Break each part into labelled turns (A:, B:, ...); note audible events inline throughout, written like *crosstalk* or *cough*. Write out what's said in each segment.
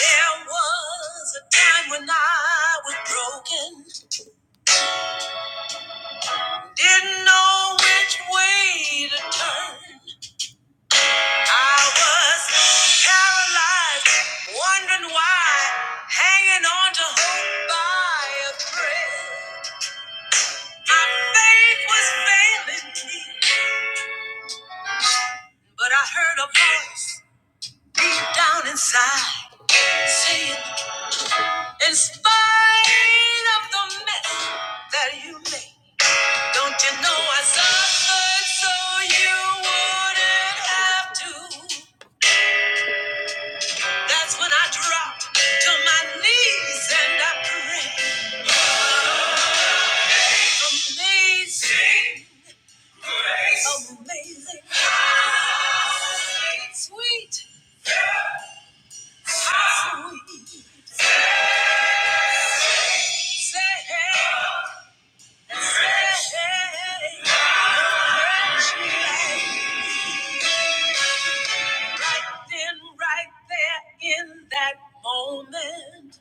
A: There was a time when I was broken, didn't know which way to turn. I was paralyzed, wondering why, hanging on to hope by a thread. My faith was failing me, but I heard a voice deep down inside saying, In spite of the mess that you made." Don't you know I suffered so you wouldn't have to? That's when I dropped to my knees and I prayed. Amazing, amazing, sweet, sweet. sad, sad. Right then, right there in that moment,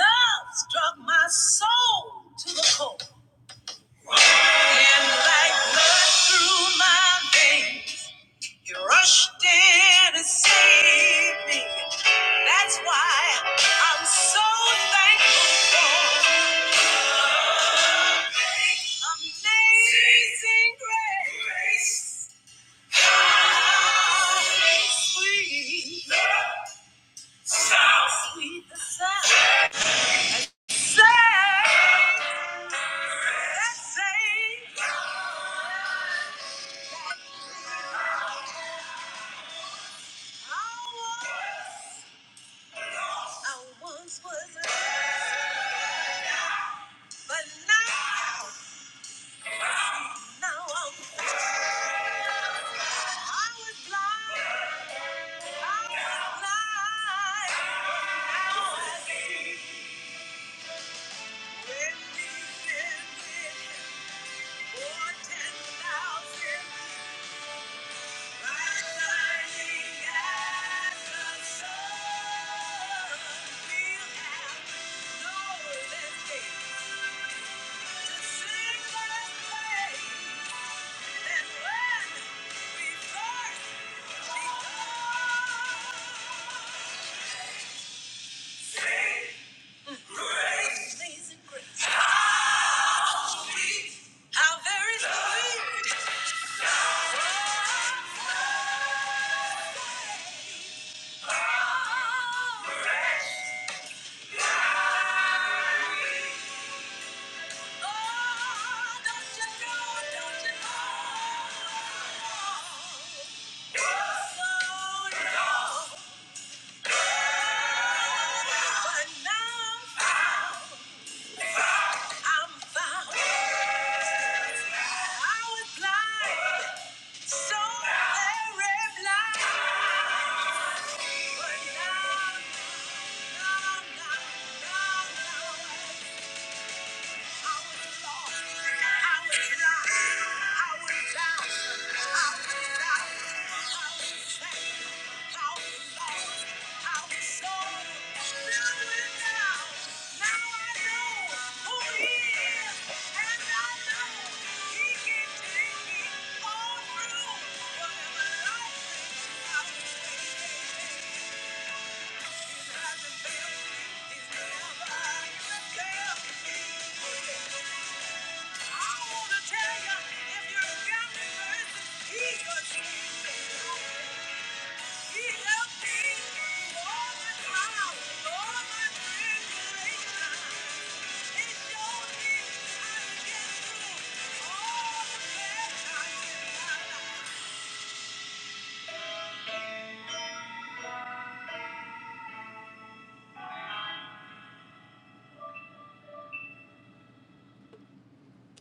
A: love struck my soul to the core. And like blood through my veins, you rushed in and saved me. That's why I'm so thankful. Amazing grace. How Sweet, the sound. Saved, that saved. I was, I once was, but now, now I'm. I was blind, I was blind. Now I see. When he sent me ten thousand, shining as we have no escape to sing His praise. And when we first begun. Amazing grace. How sweet. How very sweet. Oh, don't you know, don't you know? Oh, no. But now I'm found. I was blind, so very blind. But now, now, now, now, now. Thank you. Thank you.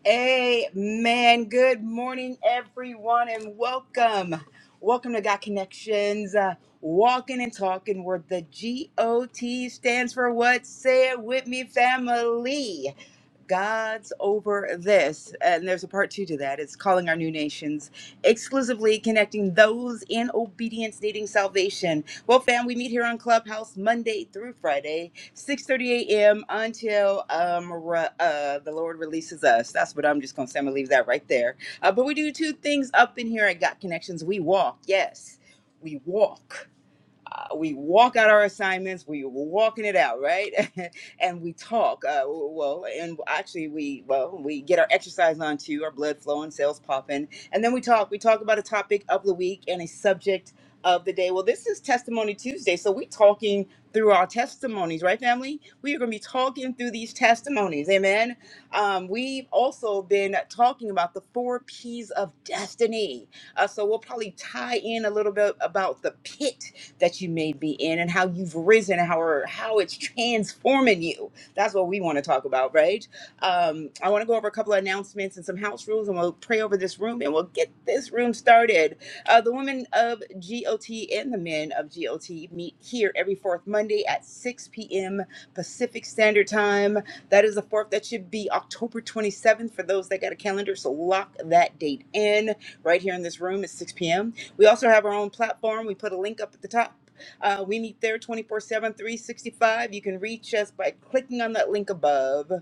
A: Amen. Good morning, everyone, and welcome. Welcome to God Connections, uh, walking and talking, where the G O T stands for what? Say it with me, family. God's over this. And there's a part two to that. It's calling our new nations, exclusively connecting those in obedience needing salvation. Well, fam, we meet here on Clubhouse Monday through Friday. 6:30 a.m. until um, re- uh, the Lord releases us. That's what I'm just gonna say. I'm gonna leave that right there. Uh, but we do two things up in here at Got Connections. We walk, yes, we walk we walk out our assignments we were walking it out right *laughs* and we talk uh, well and actually we well we get our exercise on too our blood flowing cells popping and then we talk we talk about a topic of the week and a subject of the day well this is testimony tuesday so we talking through our testimonies right family we are going to be talking through these testimonies amen um, we've also been talking about the four p's of destiny uh, so we'll probably tie in a little bit about the pit that you may be in and how you've risen and how, or how it's transforming you. That's what we want to talk about, right? Um, I want to go over a couple of announcements and some house rules, and we'll pray over this room and we'll get this room started. Uh, the women of GOT and the men of GOT meet here every fourth Monday at 6 p.m. Pacific Standard Time. That is the fourth. That should be October 27th for those that got a calendar. So lock that date in right here in this room at 6 p.m. We also have our own platform. We put a link up at the top. Uh, we meet there 24 7, 365. You can reach us by clicking on that link above.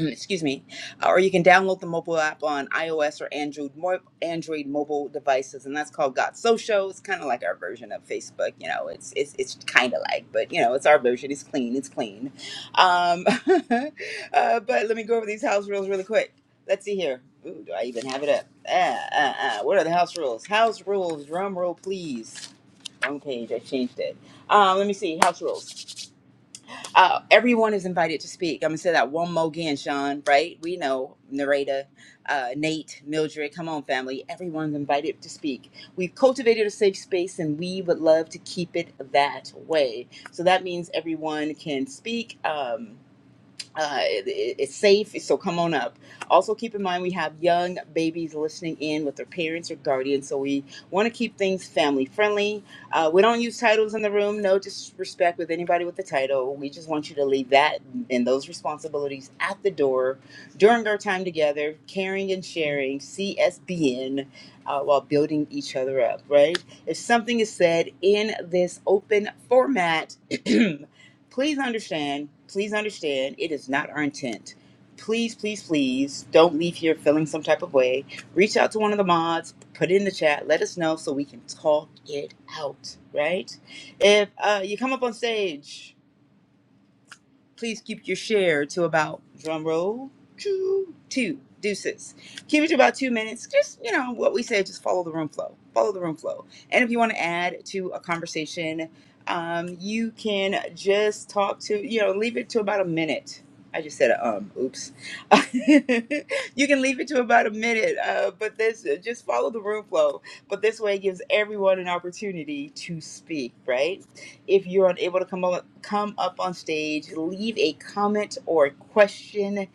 A: *clears throat* excuse me, uh, or you can download the mobile app on iOS or Android mo- Android mobile devices, and that's called Got Social. It's kind of like our version of Facebook, you know. It's it's it's kind of like, but you know, it's our version. It's clean. It's clean. Um, *laughs* uh, but let me go over these house rules really quick. Let's see here. Ooh, do I even have it up? Ah, ah, ah. What are the house rules? House rules. Drum roll, please. Wrong page. I changed it. Um, let me see. House rules. Uh, everyone is invited to speak. I'm gonna say that one more again, Sean. Right? We know Narada, uh, Nate, Mildred. Come on, family. Everyone's invited to speak. We've cultivated a safe space, and we would love to keep it that way. So that means everyone can speak. Um, uh, it, it- it's safe, so come on up. Also, keep in mind we have young babies listening in with their parents or guardians, so we want to keep things family friendly. Uh, we don't use titles in the room, no disrespect with anybody with the title. We just want you to leave that and those responsibilities at the door during our time together, caring and sharing, CSBN, uh, while building each other up, right? If something is said in this open format, *clears throat* please understand, please understand, it is not our intent. Please, please, please don't leave here feeling some type of way. Reach out to one of the mods, put it in the chat, let us know so we can talk it out, right? If uh, you come up on stage, Please keep your share to about drum roll two two deuces. Keep it to about two minutes. Just you know what we say. Just follow the room flow. Follow the room flow. And if you want to add to a conversation, um, you can just talk to you know leave it to about a minute. I just said a um. Oops. *laughs* you can leave it to about a minute, uh, but this just follow the room flow. But this way it gives everyone an opportunity to speak, right? If you're unable to come up, come up on stage, leave a comment or a question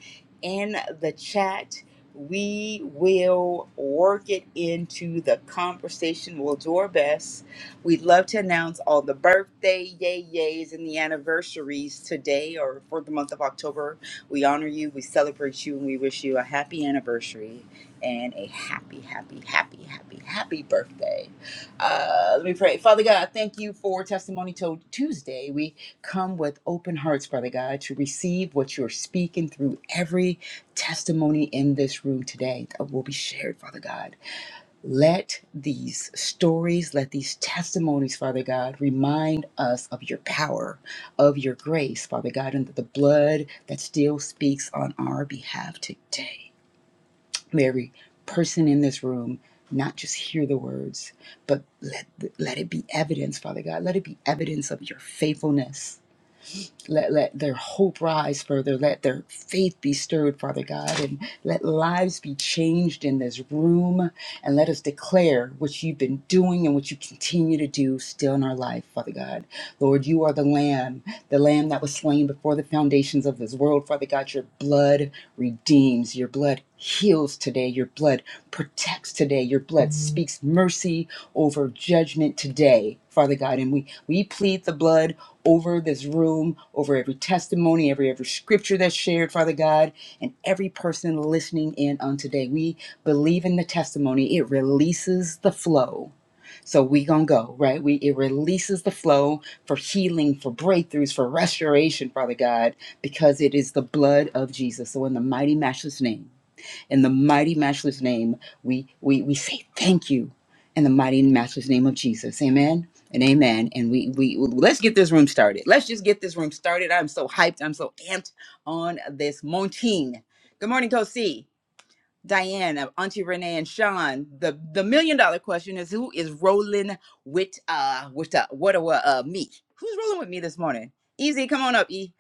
A: in the chat. We will work it into the conversation. We'll do our best. We'd love to announce all the birthday yay yays and the anniversaries today or for the month of October. We honor you, we celebrate you, and we wish you a happy anniversary and a happy, happy, happy, happy, happy birthday. Uh, let me pray. Father God, thank you for Testimony Told Tuesday. We come with open hearts, Father God, to receive what you're speaking through every testimony in this room today that will be shared, Father God. Let these stories, let these testimonies, Father God, remind us of your power, of your grace, Father God, and the blood that still speaks on our behalf today. May every person in this room not just hear the words, but let, let it be evidence, Father God. Let it be evidence of your faithfulness. Let, let their hope rise further. Let their faith be stirred, Father God, and let lives be changed in this room. And let us declare what you've been doing and what you continue to do still in our life, Father God. Lord, you are the Lamb, the Lamb that was slain before the foundations of this world, Father God. Your blood redeems. Your blood blood heals today. Your blood protects today. Your blood speaks mercy over judgment today, Father God. And we, we plead the blood over this room, over every testimony, every every scripture that's shared, Father God, and every person listening in on today. We believe in the testimony. It releases the flow. So we gonna go, right? We it releases the flow for healing, for breakthroughs, for restoration, Father God, because it is the blood of Jesus. So in the mighty matchless name. In the mighty, matchless name, we, we, we say thank you in the mighty and matchless name of Jesus. Amen and amen. And we, we let's get this room started. Let's just get this room started. I'm so hyped. I'm so amped on this Monteen. Good morning, Coach C, Diane, uh, Auntie Renee, and Sean. The the million dollar question is who is rolling with uh with uh what uh, uh me? Who's rolling with me this morning? Easy, come on up, E.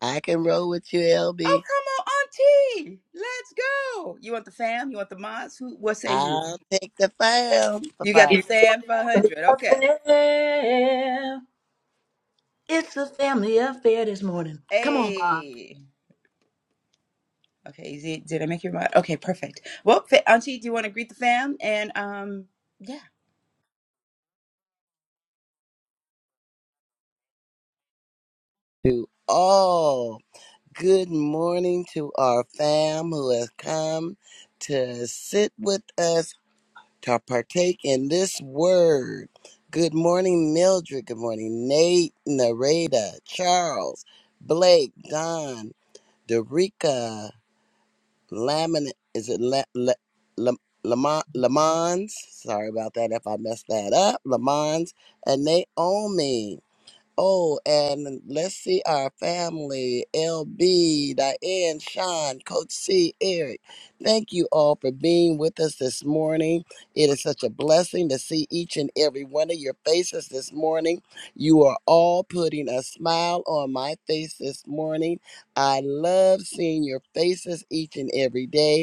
B: I can roll with you,
A: Oh,
B: LB.
A: come on, Auntie. Let's go. You want the fam? You want the mods? Who? What say you?
B: I'll take the fam.
A: You got
B: Bye-bye.
A: the
C: It's
A: fam for 100.
C: a
A: Okay.
C: family affair. It's a family affair this morning. Come on, Mom.
A: Hey. Okay. Is it, did I make your mod? Okay. Perfect. Well, fa- Auntie, do you want to greet the fam? And, um, yeah.
B: To all, good morning to our fam who has come to sit with us to partake in this word. Good morning, Mildred. Good morning, Nate, Nareda, Charles, Blake, Don, Derica. Lamin is it Le, Le, Le, Lamon- Lamons? Sorry about that if I messed that up. Lamons and Naomi. Oh, and let's see our family, LB, Diane, Sean, Coach C, Eric. Thank you all for being with us this morning. It is such a blessing to see each and every one of your faces this morning. You are all putting a smile on my face this morning. I love seeing your faces each and every day.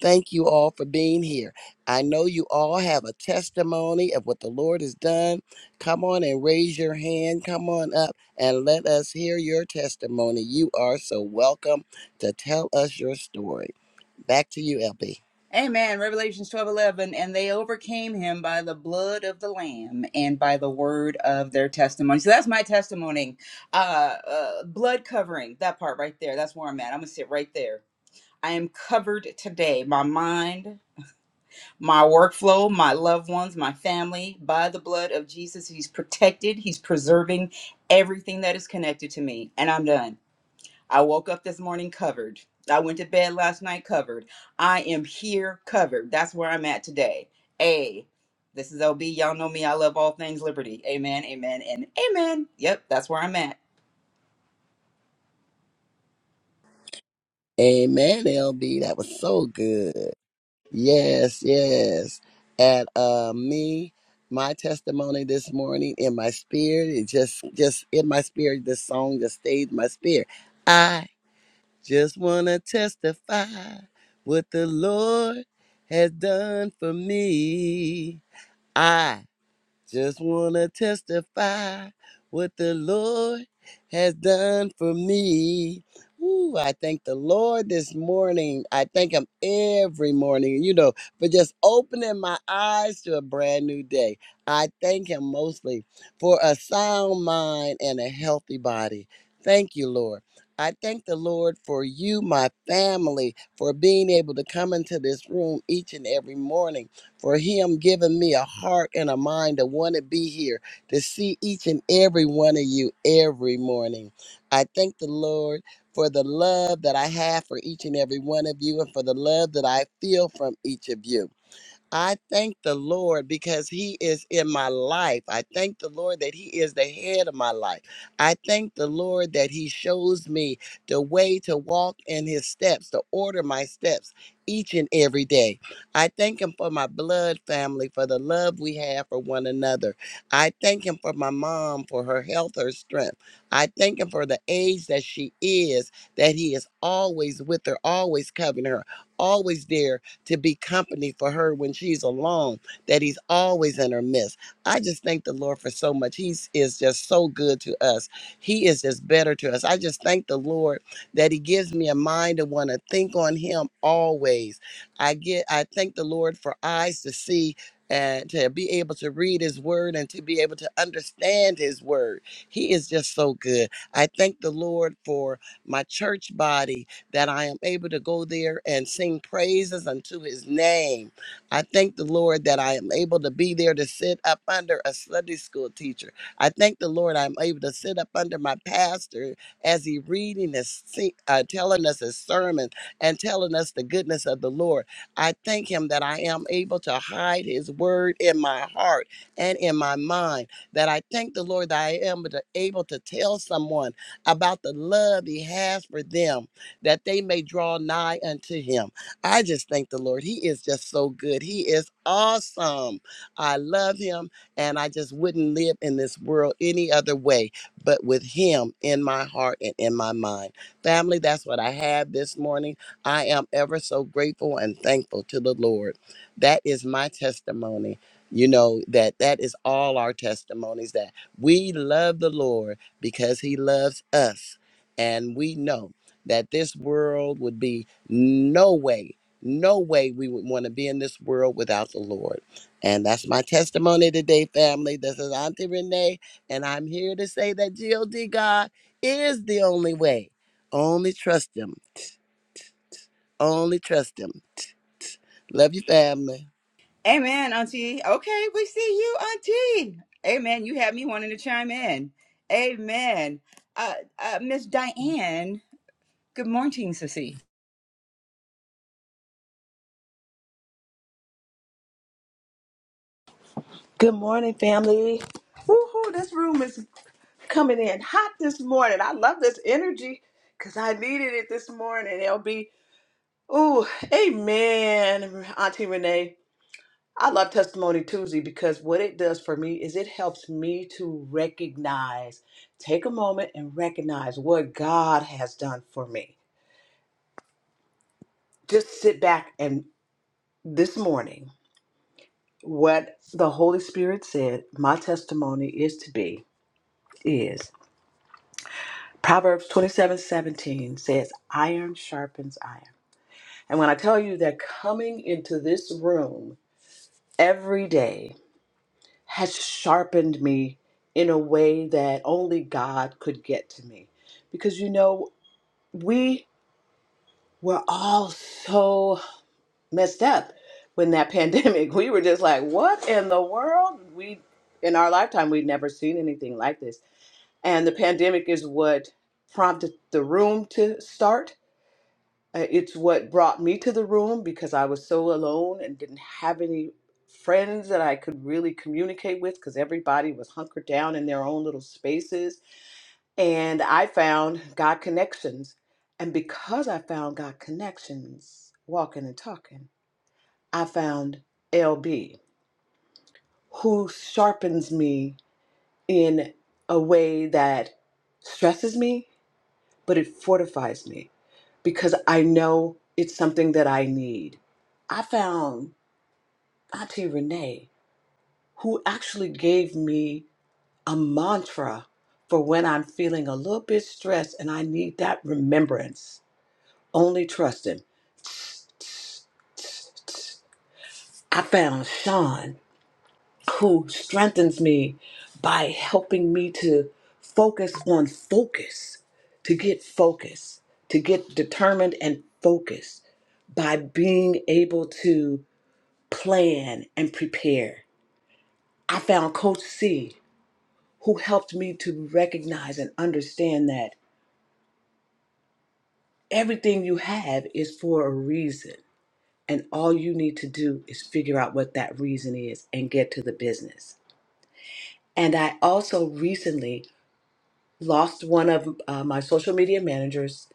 B: Thank you all for being here. I know you all have a testimony of what the Lord has done. Come on and raise your hand. Come on up and let us hear your testimony. You are so welcome to tell us your story. Back to you, LB.
A: Amen. Revelations twelve eleven, And they overcame him by the blood of the Lamb and by the word of their testimony. So that's my testimony. Uh, uh, blood covering, that part right there. That's where I'm at. I'm going to sit right there. I am covered today. My mind. my workflow, my loved ones, my family. By the blood of Jesus, He's protected, He's preserving everything that is connected to me. And I'm done. I woke up this morning covered. I went to bed last night covered. I am here covered. That's where I'm at today. A. This is LB. Y'all know me. I love all things liberty. Amen, amen, and amen. Yep, that's where I'm at.
B: Amen, LB. That was so good. Yes, yes. And uh, me, my testimony this morning in my spirit, it just, just in my spirit, this song just stayed in my spirit. I. Just want to testify what the Lord has done for me. I just want to testify what the Lord has done for me. Ooh, I thank the Lord this morning. I thank Him every morning, you know, for just opening my eyes to a brand new day. I thank Him mostly for a sound mind and a healthy body. Thank you, Lord. I thank the Lord for you, my family, for being able to come into this room each and every morning for him giving me a heart and a mind to want to be here to see each and every one of you every morning. I thank the Lord for the love that I have for each and every one of you and for the love that I feel from each of you. I thank the Lord because He is in my life. I thank the Lord that He is the head of my life. I thank the Lord that He shows me the way to walk in His steps, to order my steps each and every day. I thank Him for my blood family, for the love we have for one another. I thank Him for my mom, for her health, her strength. I thank Him for the age that she is, that He is always with her, always covering her, always there to be company for her when she's alone, that he's always in her midst. I just thank the Lord for so much. He is just so good to us. He is just better to us. I just thank the Lord that he gives me a mind to want to think on him always. I get I thank the Lord for eyes to see and to be able to read his word and to be able to understand his word. He is just so good. I thank the Lord for my church body that I am able to go there and sing praises unto his name. I thank the Lord that I am able to be there to sit up under a Sunday school teacher. I thank the Lord I'm able to sit up under my pastor as he reading his, se- uh, telling us his sermon and telling us the goodness of the Lord. I thank him that I am able to hide his word in my heart and in my mind. That I thank the Lord that I am able to able to tell someone about the love he has for them that they may draw nigh unto him. I just thank the Lord. He is just so good. He is awesome. I love him, and I just wouldn't live in this world any other way but with him in my heart and in my mind. Family, that's what I have this morning. I am ever so grateful and thankful to the Lord. That is my testimony. You know that that is all our testimonies that we love the Lord because he loves us and we know that this world would be no way, no way we would want to be in this world without the Lord. And that's my testimony today, family. This is Auntie Renee, and I'm here to say that GOD God is the only way. Only trust Him. Only trust Him. Love you, family.
A: Amen, Auntie. Okay, we see you, Auntie. Amen. You had me wanting to chime in. Amen. Uh, uh, Miss Diane. Good morning, Sissy.
C: Good morning, family. Woohoo, this room is coming in hot this morning. I love this energy because I needed it this morning. It'll be, ooh, amen, Auntie Renee. I love Testimony Tuesday because what it does for me is it helps me to recognize, take a moment and recognize what God has done for me. Just sit back and this morning. What the Holy Spirit said, my testimony is to be, is Proverbs twenty-seven seventeen says, Iron sharpens iron. And when I tell you that coming into this room every day has sharpened me in a way that only God could get to me. Because you know, we were all so messed up when that *laughs* pandemic, we were just like, what in the world? We in our lifetime we'd never seen anything like this and the pandemic is what prompted the room to start. Uh, It's what brought me to the room because I was so alone and didn't have any friends that I could really communicate with because everybody was hunkered down in their own little spaces. And I found God connections. And because I found God connections, walking and talking, I found LB, who sharpens me in a way that stresses me but it fortifies me because I know it's something that I need. I found Auntie Renee, who actually gave me a mantra for when I'm feeling a little bit stressed and I need that remembrance. Only trust Him. I found Sean, who strengthens me by helping me to focus on focus, to get focused, to get determined and focused by being able to plan, and prepare. I found Coach C, who helped me to recognize and understand that everything you have is for a reason. And all you need to do is figure out what that reason is and get to the business. And I also recently lost one of uh, my social media managers.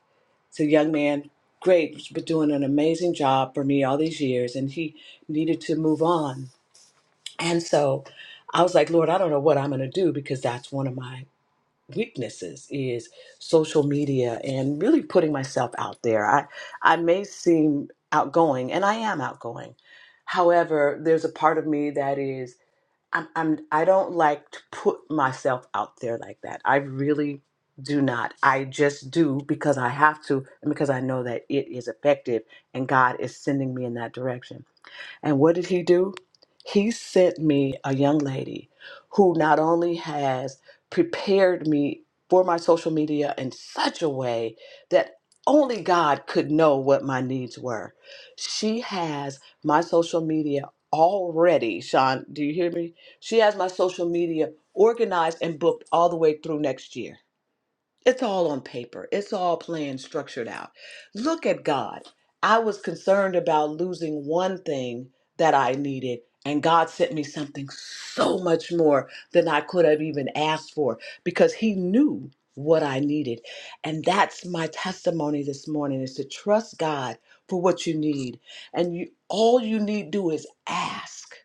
C: It's a young man, great, he's been doing an amazing job for me all these years, and he needed to move on. And so I was like, Lord, I don't know what I'm going to do because that's one of my weaknesses is social media and really putting myself out there. I I may seem outgoing and I am outgoing. However, there's a part of me that is I'm, I'm I don't like to put myself out there like that. I really do not. I just do because I have to and because I know that it is effective and God is sending me in that direction. And what did he do? He sent me a young lady who not only has prepared me for my social media in such a way that only God could know what my needs were. She has my social media already, Sean. Do you hear me? She has my social media organized and booked all the way through next year. It's all on paper. It's all planned, structured out. Look at God. I was concerned about losing one thing that I needed, and God sent me something so much more than I could have even asked for because He knew what I needed. And that's my testimony this morning is to trust God for what you need. And you all you need do is ask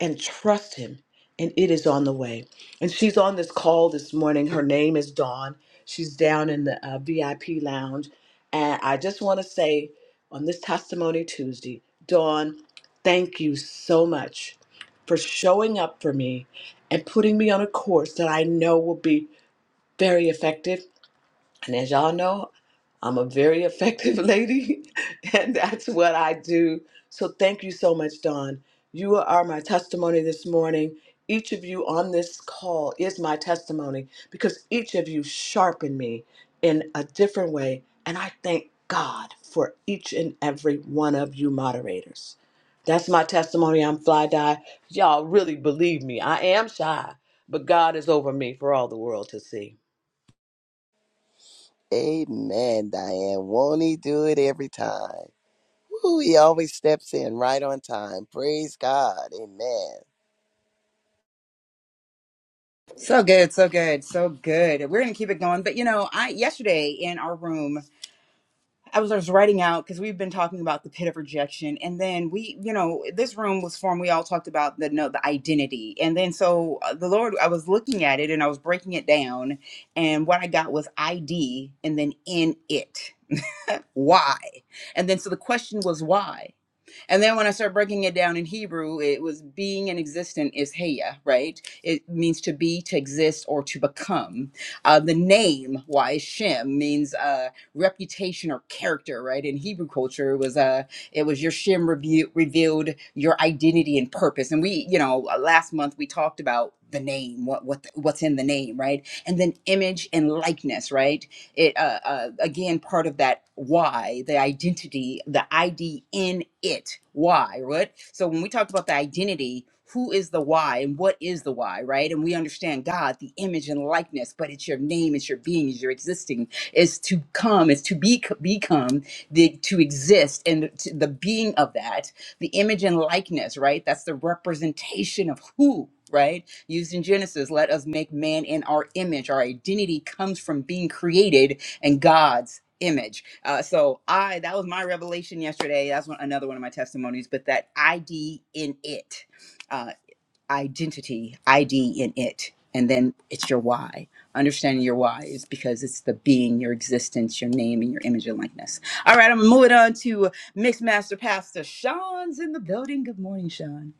C: and trust him and it is on the way and she's on this call this morning her name is dawn she's down in the uh, vip lounge and i just want to say on this testimony tuesday dawn thank you so much for showing up for me and putting me on a course that i know will be very effective and as y'all know, I'm a very effective *laughs* lady, and that's what I do. So thank you so much, Dawn. You are my testimony this morning. Each of you on this call is my testimony because each of you sharpened me in a different way. And I thank God for each and every one of you moderators. That's my testimony. I'm fly die. Y'all really believe me. I am shy, but God is over me for all the world to see.
B: Amen, Diane. Won't He do it every time? Woo, he always steps in right on time. Praise God. Amen.
A: So good, so good, so good. We're gonna keep it going. But you know, I yesterday in our room, I was, I was writing out because we've been talking about the pit of rejection, and then we, you know, this room was formed. We all talked about the no, the identity, and then so uh, the Lord, I was looking at it and I was breaking it down, and what I got was ID, and then in it. why and then so the question was why and then when i started breaking it down in hebrew it was being and existent is heya right it means to be to exist or to become uh, the name why is shem means uh, reputation or character right in hebrew culture it was uh, it was your shem rebu- revealed your identity and purpose and we you know uh, last month we talked about the name what what what's in the name right and then image and likeness right it uh, uh, again part of that why, the identity, the ID in it. Why, right? So when we talked about the identity, who is the why and what is the why, right? And we understand God, the image and likeness, but it's your name, it's your being, it's your existing, is to come, is to be become, the to exist, and the, to the being of that the image and likeness, right? That's the representation of who, right? Used in Genesis, let us make man in our image. Our identity comes from being created in God's image. Uh, so I, that was my revelation yesterday. That's one, another one of my testimonies. But that ID in it, uh, identity, ID in it, and then it's your why. Understanding your why is because it's the being, your existence, your name, and your image and likeness. All right, I'm moving on to Mixed Master Pastor Sean's in the building. Good morning, Sean.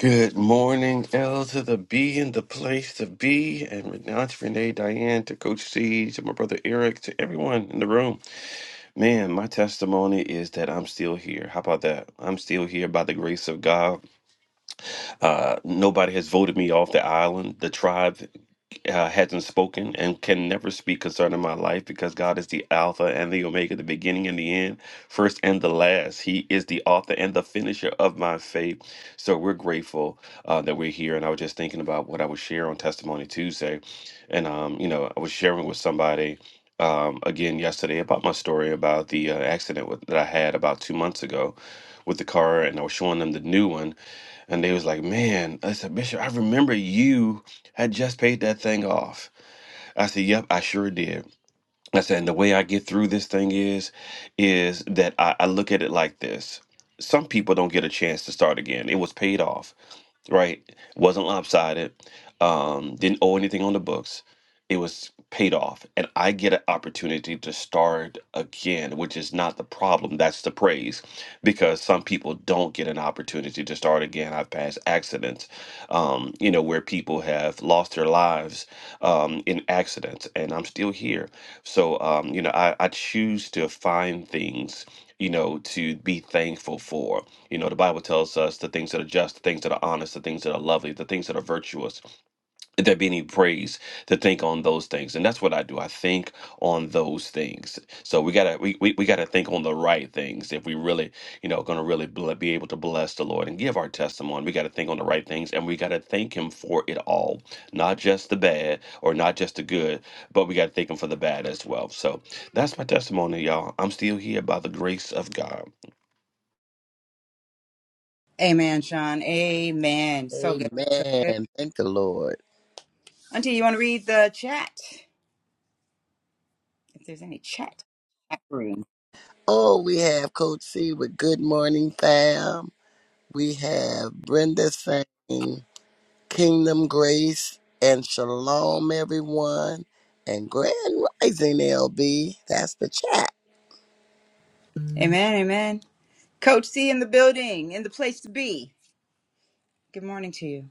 D: Good morning, L to the B and the place to be, and Renata, Renee, Diane, to Coach C, to my brother Eric, to everyone in the room. Man, my testimony is that I'm still here. How about that? I'm still here by the grace of God. Uh, nobody has voted me off the island. The tribe uh, hasn't spoken and can never speak concerning my life because God is the Alpha and the Omega, the beginning and the end, first and the last. He is the author and the finisher of my faith. So we're grateful uh, that we're here. And I was just thinking about what I would share on Testimony Tuesday. And, um, you know, I was sharing with somebody um, again yesterday about my story about the uh, accident with, that I had about two months ago with the car. And I was showing them the new one. And they was like, man, I said, Bishop, I remember you I just paid that thing off. I said, Yep, I sure did. I said, and the way I get through this thing is, is that I, I look at it like this. Some people don't get a chance to start again. It was paid off right? Wasn't lopsided. Um, didn't owe anything on the books. It was paid off, and I get an opportunity to start again, which is not the problem. That's the praise, because some people don't get an opportunity to start again. I've passed accidents, um, you know, where people have lost their lives um, in accidents, and I'm still here. So, um, you know, I, I choose to find things, you know, to be thankful for you know, the Bible tells us the things that are just, the things that are honest, the things that are lovely, the things that are virtuous. If there be any praise, to think on those things. And that's what I do. I think on those things. So we gotta we we, we gotta think on the right things if we really, you know, gonna really ble- be able to bless the Lord and give our testimony. We gotta think on the right things and we gotta thank him for it all. Not just the bad or not just the good, but we gotta thank him for the bad as well. So that's my testimony, y'all. I'm still here by the grace of God.
A: Amen, Sean. Amen. So good. So good.
B: Amen. Thank the Lord.
A: Auntie, you want to read the chat? If there's any chat. chat room.
B: Oh, we have Coach C with Good Morning Fam. We have Brenda saying Kingdom Grace and Shalom, everyone. And Grand Rising LB. That's the chat.
A: Amen. Amen. Coach C in the building, in the place to be. Good morning to you.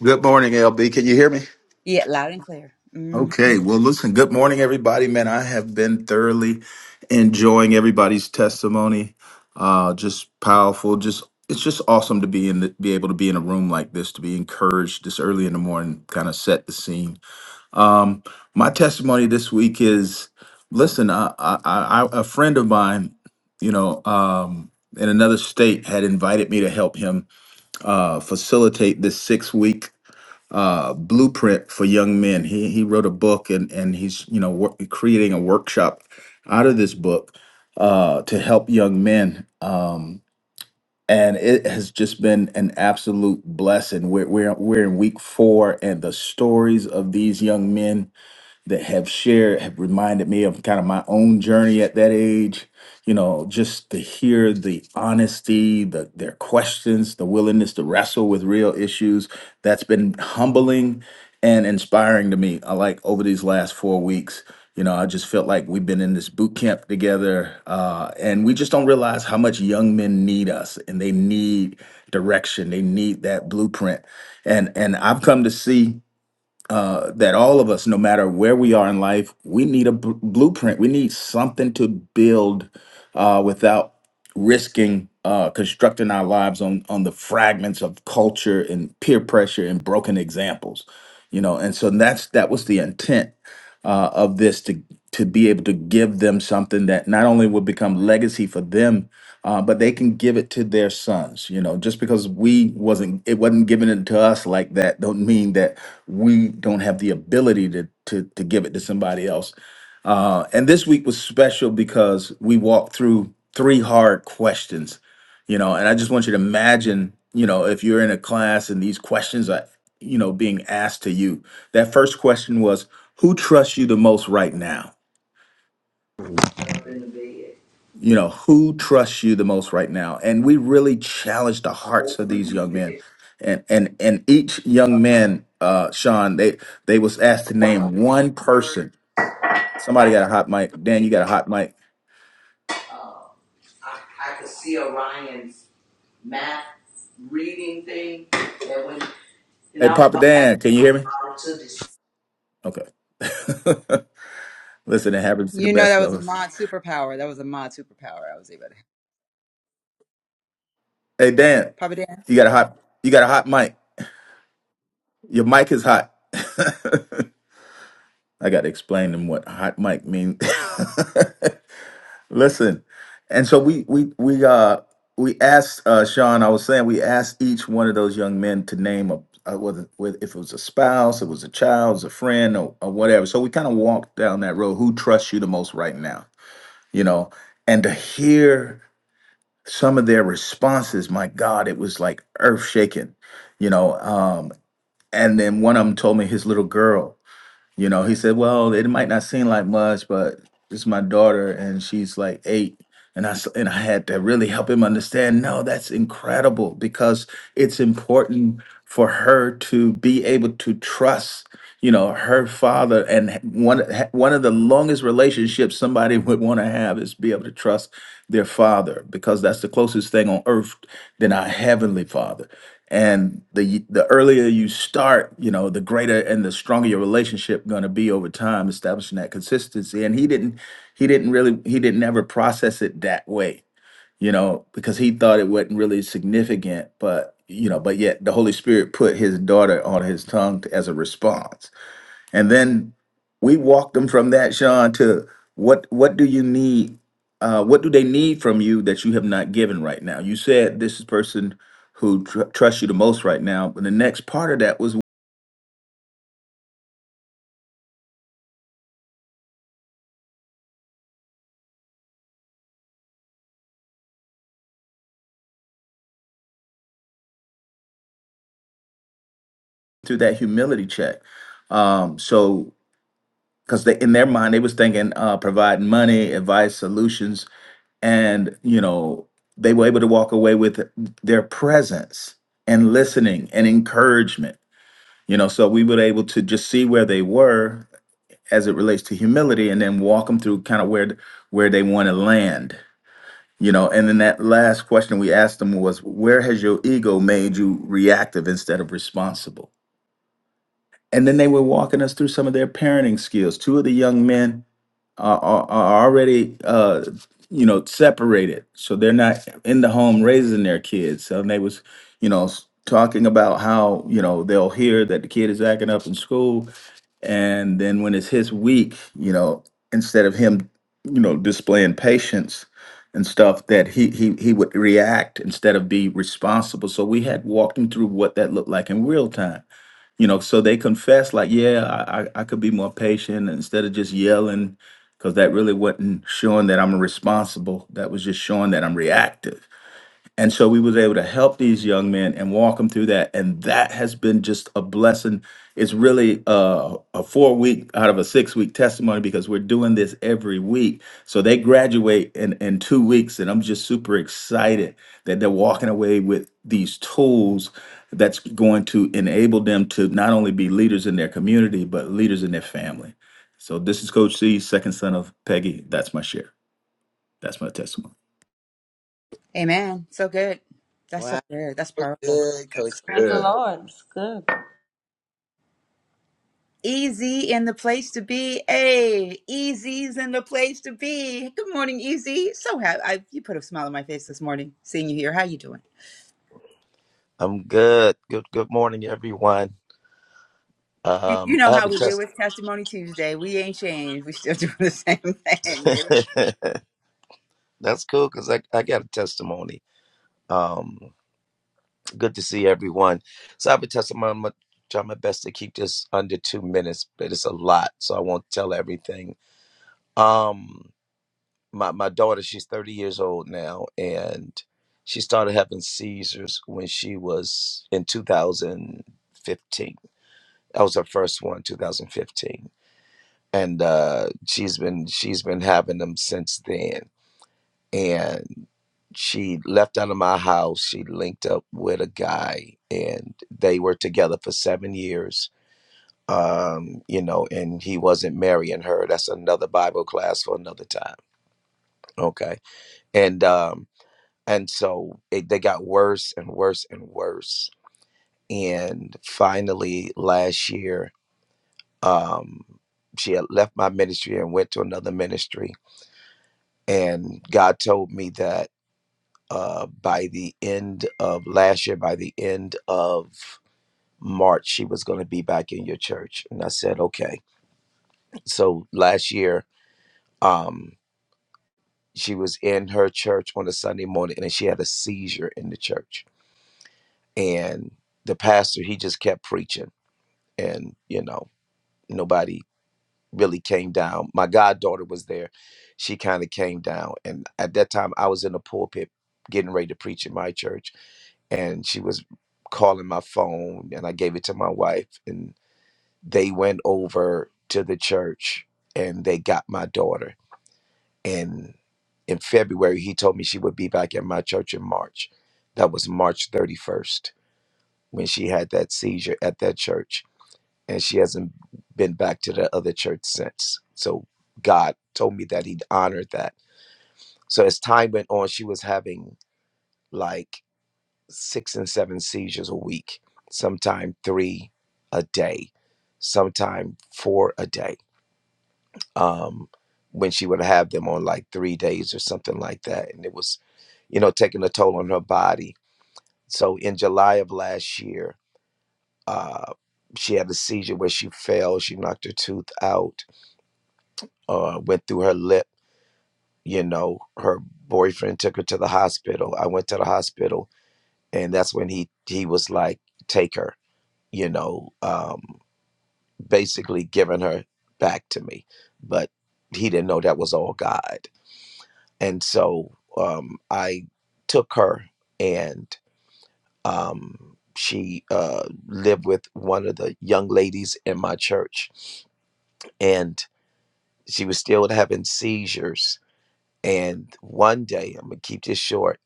E: Good morning, LB. Can you hear me?
A: Yeah, loud and clear. Mhm.
E: Okay. Well, listen, good morning, everybody. Man, I have been thoroughly enjoying everybody's testimony. Uh, just powerful. Just it's just awesome to be in the, be able to be in a room like this, to be encouraged this early in the morning, kind of set the scene. Um, my testimony this week is listen, I, I, I, a friend of mine, you know, um, in another state had invited me to help him uh, facilitate this six week uh, blueprint for young men. He he wrote a book and and he's you know wor- creating a workshop out of this book uh, to help young men. Um, and it has just been an absolute blessing. We're, we're we're in week four, and the stories of these young men that have shared have reminded me of kind of my own journey at that age you know just to hear the honesty the their questions the willingness to wrestle with real issues that's been humbling and inspiring to me i like over these last four weeks you know i just felt like we've been in this boot camp together uh, and we just don't realize how much young men need us and they need direction they need that blueprint and and i've come to see uh, that all of us, no matter where we are in life, we need a bl- blueprint. We need something to build uh, without risking uh, constructing our lives on on the fragments of culture and peer pressure and broken examples. You know, and so that's that was the intent uh, of this to to be able to give them something that not only would become legacy for them uh, but they can give it to their sons. You know, just because we wasn't, it wasn't given it to us like that, don't mean that we don't have the ability to to to give it to somebody else. Uh, and this week was special because we walked through three hard questions. You know, and I just want you to imagine, you know, if you're in a class and these questions are, you know, being asked to you. That first question was, "Who trusts you the most right now?"
F: in the bed,
E: you know who trusts you the most right now and we really challenge the
F: a
E: hearts of
F: opening
E: these
F: in
E: young
F: the
E: men
F: bed.
E: and and and each young man uh sean they they was asked
F: I
E: to
F: want to
E: name
F: open
E: one person somebody
F: like
E: got a hot mic dan you got a hot mic
F: uh, I, I could see Orion's map reading thing that when and
E: hey
F: I was
E: papa
F: like,
E: dan can you
F: I
E: hear me
F: do to this.
E: okay *laughs* listen it happens to the
A: You know that
E: best
A: was
E: of
A: a
E: us
A: mod superpower. That was a mod superpower. I was able to.
E: hey dan
A: Papa Dan.
E: you got a hot you got a hot mic your mic is hot *laughs* i gotta explain them what hot mic means *laughs* Listen, and so we we we uh we asked uh Sean. I was saying we asked each one of those young men to name a uh, whether whether if it was a spouse, it was a child, it was a friend, or, or whatever. So we kind of walked down that road. Who trusts you the most right now? You know, and to hear some of their responses, my God, it was like earth shaking. You know, um, and then one of them told me his little girl. You know, he said, "Well, it might not seem like much, but it's my daughter, and she's like eight. And I s- and I had to really help him understand. No, that's incredible because it's important for her to be able to trust, you know, her father. And h- one h- one of the longest relationships somebody *laughs* would want to have is be able to trust their father because that's the closest thing on earth than our heavenly father and the the earlier you start you know the greater and the stronger your relationship going to be over time establishing that consistency and he didn't he didn't really he didn't ever process it that way you know because he thought it wasn't really significant but you know but yet the holy spirit put his daughter on his tongue as a response and then we walked them from that, Sean, to what what do you need? Uh, what do they need from you that you have not given right now? You said this is person who tr- trusts you the most right now, but the next part of that was through that humility check. Um, so, because they in their mind they was thinking uh, providing money, advice, solutions, and you know they were able to walk away with their presence and listening and encouragement you know so we were able to just see where they were as it relates to humility and then walk them through kind of where where they want to land you know and then that last question we asked them was where has your ego made you reactive instead of responsible and then they were walking us through some of their parenting skills two of the young men are, are, are already uh, you know separated so they're not in the home raising their kids so they was you know s- talking about how you know they'll hear that the kid is acting up in school and then when it's his week, you know, instead of him, you know, displaying patience and stuff, that he he he would react instead of be responsible. So we had walked him through what that looked like in real time. You know, so they confessed like, yeah, I I, I could be more patient instead of just yelling, because that really wasn't showing that I'm responsible. That was just showing that I'm reactive and so we was able to help these young men and walk them through that and that has been just a blessing it's really uh, a four week out of a six week testimony because we're doing this every week so they graduate in, in two weeks and i'm just super excited that they're walking away with these tools that's going to enable them to not only be leaders in their community but leaders in their family so this is coach c second son of peggy that's my share that's my testimony
A: Amen. So good. That's so
B: Wow,
A: good. That's
B: so
A: powerful.
B: good, Coach
F: Praise the
B: C.
F: Good. Lord. It's good.
A: Easy in the place to be. Hey, Easy's in the place to be. Good morning, Easy. So happy I, you put a smile on my face this morning seeing you here. How you doing?
G: I'm good. Good good morning, everyone.
A: You, you
G: Um,
A: know
G: I have
A: how
G: a
A: we do
G: test.
A: with Testimony Tuesday. We ain't changed. We still *laughs* doing the same thing.
G: *laughs* That's cool because I, I got a testimony. Um, good to see everyone. So I have a testimony. I'm gonna try my best to keep this under two minutes, but it's a lot, so I won't tell everything. Um, my my daughter, she's 30 years old now, and she started having seizures when she was in 2015. That was her first one, 2015 and uh, she's been she's been having them since then. And she left out of my house. She linked up with a guy, and they were together for seven years. Um, you know, and he wasn't marrying her. That's another Bible class for another time. Okay, and um, and so it, they got worse and worse and worse. And finally, last year, um, she had left my ministry and went to another ministry and God told me that uh, by the end of last year, by the end of March, she was going to be back in your church. And I said, okay. So last year, um, she was in her church on a Sunday morning and she had a seizure in the church. And the pastor, he just kept preaching. And, you know, nobody really came down. My goddaughter was there. She kind of came down. And at that time, I was in the pulpit getting ready to preach in my church and she was calling my phone and I gave it to my wife and they went over to the church and they got my daughter and in February he told me she would be back at my church in March that was March 31st when she had that seizure at that church and she hasn't been back to the other church since so God told me that he'd honored that so as time went on she was having like six and seven seizures a week, sometime three a day, sometime four a day. Um, when she would have them on like three days or something like that. And it was, you know, taking a toll on her body. So in July of last year, uh, she had a seizure where she fell, she knocked her tooth out, uh, went through her lip. You know, her boyfriend took her to the hospital. I went to the hospital, and that's when he he was like, "Take her." you know, um, basically giving her back to me. But he didn't know that was all God. And so um, I took her and um, she uh, lived with one of the young ladies in my church. And she was still having seizures. And one day, I'm going to keep this short.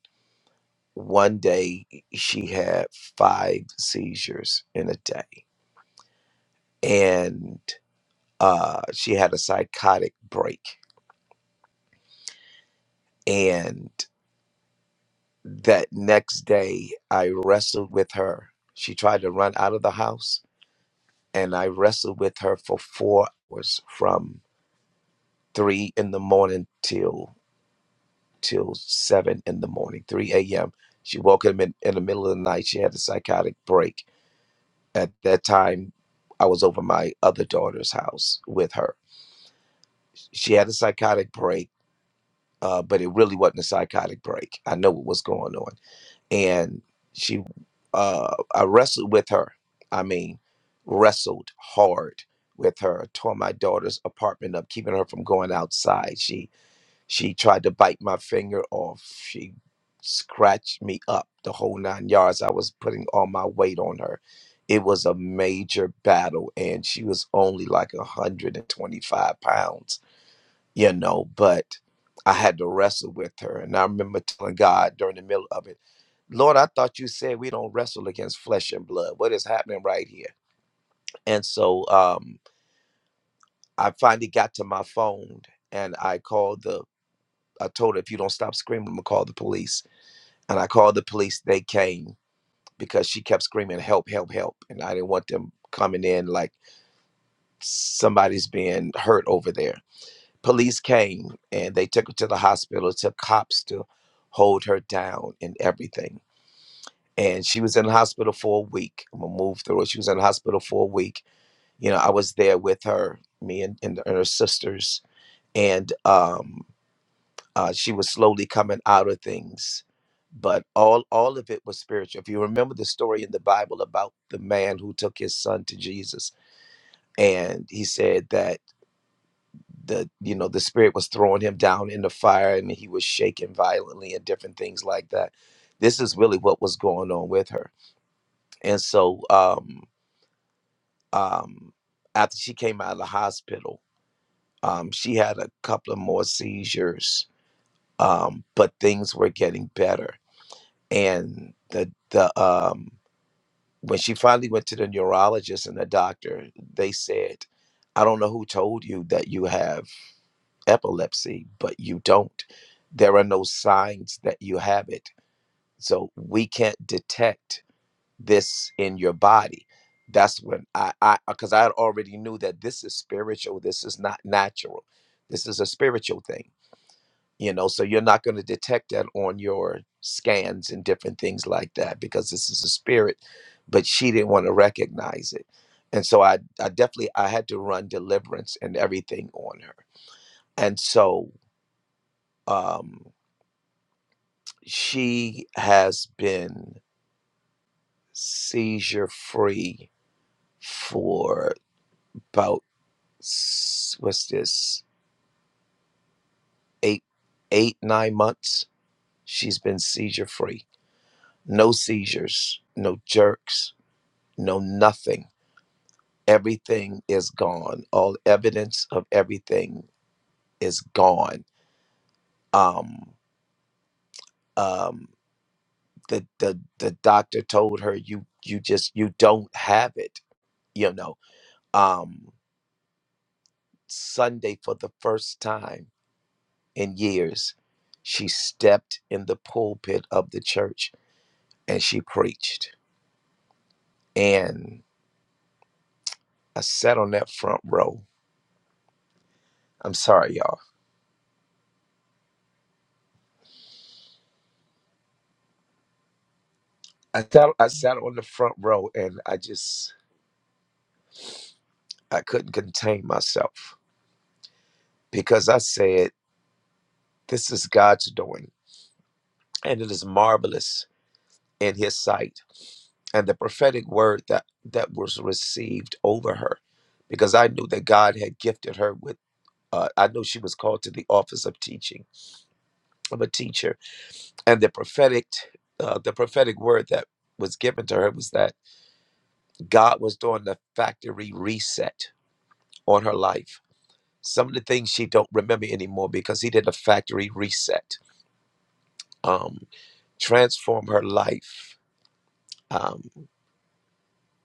G: One day, she had five seizures in a day. And uh, she had a psychotic break And that next day, I wrestled with her. She tried to run out of the house, and I wrestled with her for four hours from three in the morning till till seven in the morning, three a.m. She woke up in, in the middle of the night. She had a psychotic break. At that time, I was over my other daughter's house with her. She had a psychotic break, uh, but it really wasn't a psychotic break. I know what was going on and she uh I wrestled with her. I mean, wrestled hard with her, tore my daughter's apartment up, keeping her from going outside. She she tried to bite my finger off. She scratched me up the whole nine yards. I was putting all my weight on her. It was a major battle and she was only like 125 pounds you know, but I had to wrestle with her. And I remember telling God during the middle of it, Lord, I thought you said we don't wrestle against flesh and blood. What is happening right here? And so um, I finally got to my phone and I called the, I told her, if you don't stop screaming, I'm going to call the police. And I called the police. They came because she kept screaming, help, help, help. And I didn't want them coming in like somebody's being hurt over there. police came and they took her to the hospital. took cops to hold her down and everything. And she was in the hospital for a week. I'm gonna move through it. She was in the hospital for a week. You know, I was there with her, me and, and, and her sisters, and um, uh, she was slowly coming out of things. But all all of it was spiritual. If you remember the story in the Bible about the man who took his son to Jesus, and he said that. the you know the spirit was throwing him down in the fire and he was shaking violently and different things like that this is really what was going on with her and so um um after she came out of the hospital um she had a couple of more seizures um but things were getting better and the the um when she finally went to the neurologist and the doctor they said i don't know who told you that you have epilepsy, but you don't. There are no signs that you have it. So we can't detect this in your body. That's when I, I, because I already knew that this is spiritual. This is not natural. This is a spiritual thing, you know. So you're not going to detect that on your scans and different things like that because this is a spirit. But she didn't want to recognize it, and so I, I definitely, I had to run deliverance and everything on her. And so, um, she has been seizure free for about s- what's this eight eight nine months she's been seizure free no seizures no jerks no nothing everything is gone all evidence of everything is gone um um the the, the doctor told her you you just you don't have it you know Um. Sunday for the first time in years, she stepped in the pulpit of the church and she preached. And I sat on that front row. I'm sorry, y'all. I sat, I sat on the front row and I just I couldn't contain myself because I said, This is God's doing, and it is marvelous in his sight. And the prophetic word that that was received over her, because I knew that God had gifted her with uh, I know she was called to the office of teaching of a teacher, and the prophetic, uh, the prophetic word that was given to her was that God was doing the factory reset on her life. Some of the things she don't remember anymore because He did a factory reset, um, transform her life, um,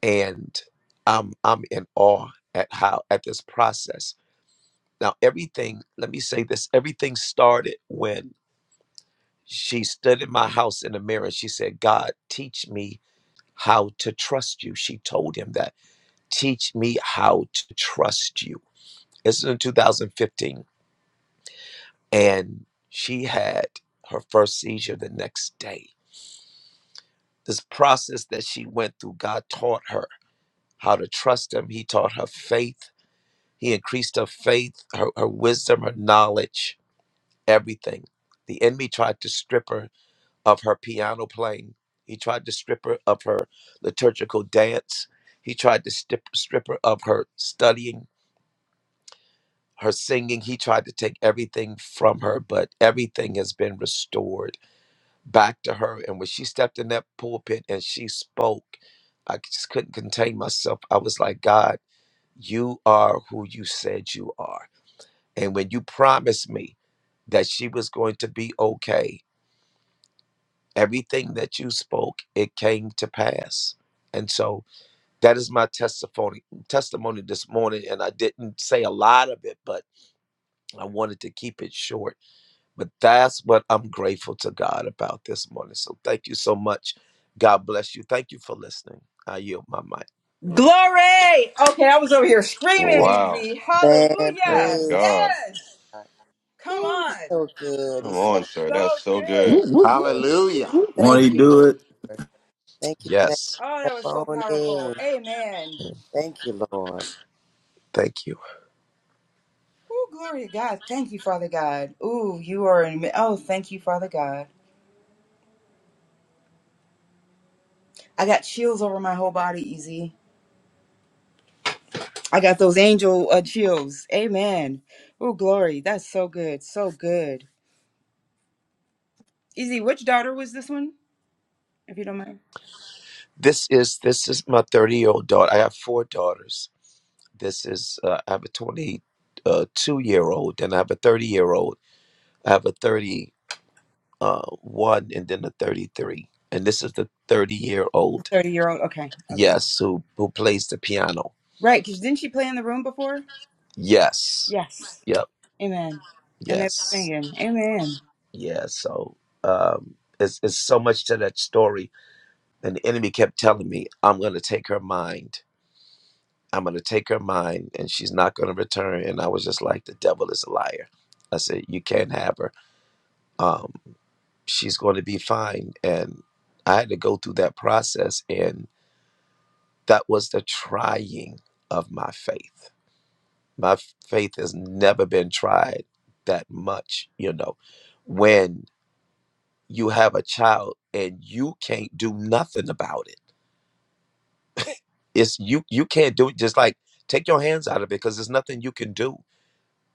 G: and I'm I'm in awe at how at this process. Now everything, let me say this: everything started when She stood in my house in the mirror. She said, God, teach me how to trust you. She told him that. Teach me how to trust you. This is in 2015. And she had her first seizure the next day. This process that she went through, God taught her how to trust him. He taught her faith. He increased her faith, her, her wisdom, her knowledge, everything. The enemy tried to strip her of her piano playing. He tried to strip her of her liturgical dance. He tried to strip, strip her of her studying, her singing. He tried to take everything from her, but everything has been restored back to her. And when she stepped in that pulpit and she spoke, I just couldn't contain myself. I was like, God, you are who you said you are. And when you promised me that she was going to be okay, everything that you spoke it came to pass and so that is my testimony testimony this morning and i didn't say a lot of it but i wanted to keep it short but that's what i'm grateful to god about this morning so thank you so much god bless you thank you for listening i yield my mic
A: Glory. Okay, I was over here screaming,
D: Wow.
A: Easy.
B: Man,
D: My
A: Hallelujah.
B: praise
D: God.
A: Yes.
B: God.
A: Come
B: Oh, he's
A: on.
B: so good.
D: Come
B: He's
D: on,
B: so
D: sir.
A: So
D: That's so
E: Woo,
A: good.
E: woo, woo,
B: good.
E: woo, woo, woo. won't he
B: Thank you,
E: do
B: Lord.
E: it
B: Thank you for that
G: yes
A: Oh, that was so
B: testimony.
A: powerful. Amen.
B: Thank you, Lord.
G: thank you
A: Oh, glory to God. Thank you, Father God. Ooh, you are. An, oh, thank you, Father God. I got chills over my whole body, Easy. I got those angel uh, chills. Amen. Oh, glory. That's so good. So good. Easy, which daughter was this one? If you don't mind.
G: this is this is my 30 year old daughter i have four daughters this is uh, i have a 22 year old and i have a 30 year old I have a 30 uh, 1 and then the 33. And this is the 30 year old.
A: 30 year old. Okay. Okay.
G: Yes, who, who plays the piano.
A: Right. Because didn't she play in the room before?
G: Yes.
A: Yes.
G: Yep.
A: Amen. And they were
G: Yes.
A: singing. Amen.
G: Yeah. So um, it's, it's so much to that story. And the enemy kept telling me, I'm going to take her mind. I'm going to take her mind and she's not going to return. And I was just like, the devil is a liar. I said, You can't have her. Um, she's going to be fine. And I had to go through that process. and. That was the trying of my faith. My faith has never been tried that much, you know. When you have a child and you can't do nothing about it. It's you you can't do it just like take your hands out of it because there's nothing you can do.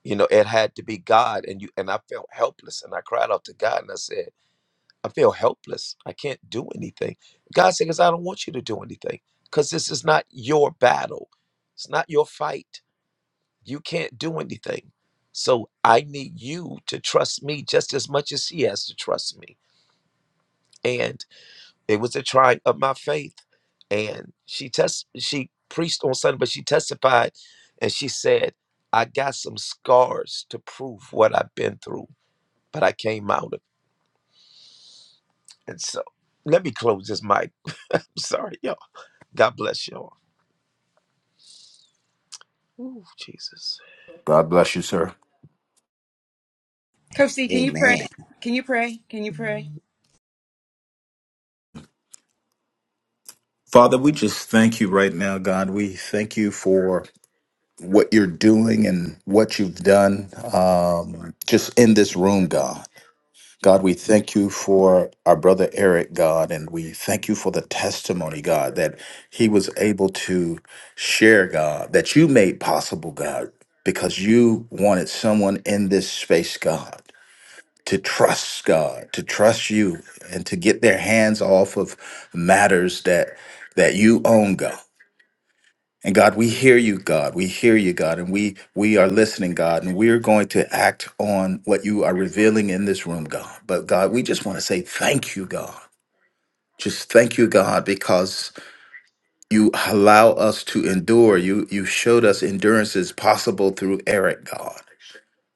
G: You know, it had to be God and you and I felt helpless and I cried out to God and I said, I feel helpless. I can't do anything. God said, because I don't want you to do anything because this is not your battle. It's not your fight You can't do anything. So I need you to trust me just as much as she has to trust me. And it was a trying of my faith. And she test she preached on Sunday, but she testified and she said, I got some scars to prove what I've been through, but I came out of it. And so let me close this mic. Sorry, y'all. God bless y'all. Ooh, Jesus.
E: God bless you, sir.
A: Coach C, can
F: Hallelujah.
A: you pray? Can you pray? Can you pray?
E: Father, we just thank you right now, God. We thank you for what you're doing and what you've done um, just in this room, God. God, we thank you for our brother Eric, God, and we thank you for the testimony, God, that he was able to share, God, that you made possible, God, because you wanted someone in this space, God. to trust God, to trust you, and to get their hands off of matters that that you own, God. And God, we hear you, God. We hear you, God, and we we are listening, God, and we're going to act on what you are revealing in this room, God. But God, we just want to say thank you, God. Just thank you, God, because you allow us to endure. You you showed us endurance is possible through Eric, God.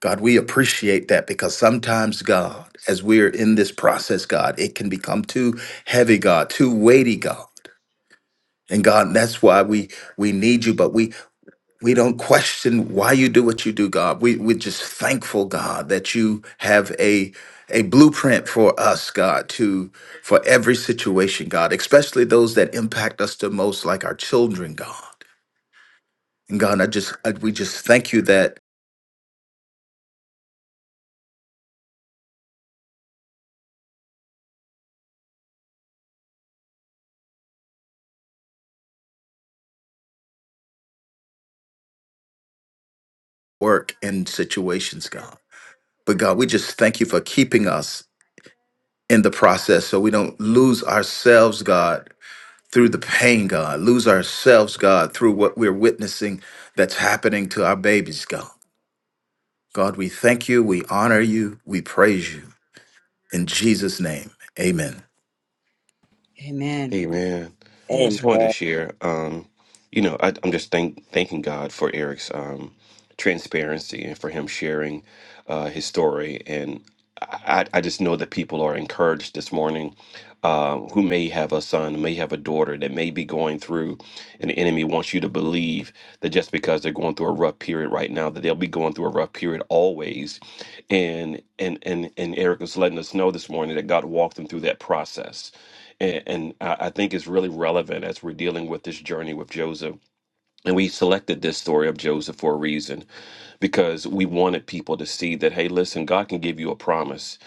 E: God, we appreciate that because sometimes, God, as we're in this process, God, it can become too heavy, God, too weighty, God. And God, that's why we we need you, but we we don't question why you do what you do, God. We we're just thankful, God, that you have a a blueprint for us, God, to for every situation, God, especially those that impact us the most, like our children, God. And God, I just I, we just thank you that work in situations, God. But God, we just thank you for keeping us in the process so we don't lose ourselves, God, through the pain, God, lose ourselves, God, through what we're witnessing that's happening to our babies, God. God, we thank you, we honor you, we praise you. In Jesus' name, amen.
A: Amen.
D: Hey man,
A: Amen.
D: I just wanted to
B: Amen.
D: share. Um, you know, I, I'm just thank thanking God for Eric's um, transparency and for him sharing uh, his story. And I, I I just know that people are encouraged this morning, um, who may have a son, who may have a daughter that may be going through, and the enemy wants you to believe that just because they're going through a rough period right now, that they'll be going through a rough period always. And and and and Eric was letting us know this morning that God walked them through that process and, and I, I think it's really relevant as we're dealing with this journey with Joseph. And we selected this story of Joseph for a reason because we wanted people to see that, hey, listen, God can give you a promise,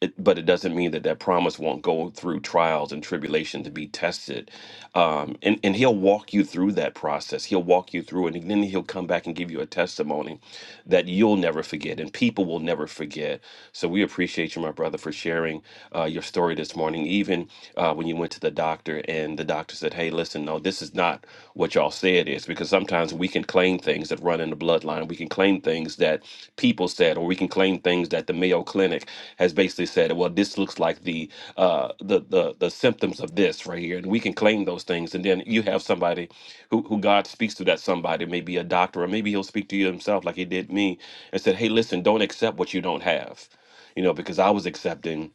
D: it, but it doesn't mean that that promise won't go through trials and tribulation to be tested um, and and he'll walk you through that process. He'll walk you through, it, and then he'll come back and give you a testimony that you'll never forget, and people will never forget. So we appreciate you, my brother, for sharing uh, your story this morning. Even uh, when you went to the doctor, and the doctor said, "Hey, listen, no, this is not what y'all say it is," because sometimes we can claim things that that run in the bloodline. We can claim things that people said, or we can claim things that the Mayo Clinic has basically said. Well, this looks like the uh, the the the symptoms of this right here, and we can claim those things. And then you have somebody who who God speaks to. That somebody maybe a doctor, or maybe He'll speak to you Himself, like He did me, and said, "Hey, listen, don't accept what you don't have." You know, because I was accepting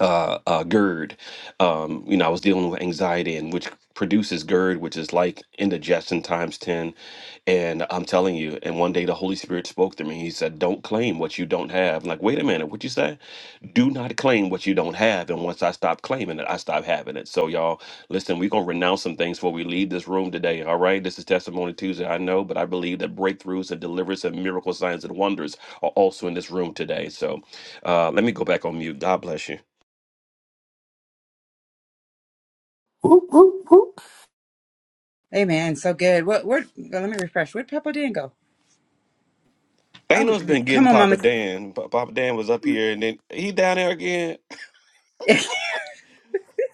D: uh, uh, GERD. Um, you know, I was dealing with anxiety, and which produces GERD, which is like indigestion times 10. And I'm telling you, and one day the Holy Spirit spoke to me. He said, Don't claim what you don't have. I'm like, wait a minute, what you say? Do not claim what you don't have. And once I stop claiming it, I stop having it. So, y'all, listen, we're going to renounce some things before we leave this room today. All right. This is Testimony Tuesday. I know, but I believe that breakthroughs and deliverance and miracle signs and wonders are also in this room today. So, uh, let me go back on mute. God bless you.
E: Whoop, whoop, whoop.
A: Amen. So good. What? Where? Let me refresh. Where'd Papa Dan go?
D: Thanos
A: Um,
D: been
A: come
D: getting
A: on, Mama.
D: Papa Dan. Pa- Papa Dan was up here, and then he down there again.
A: Tia.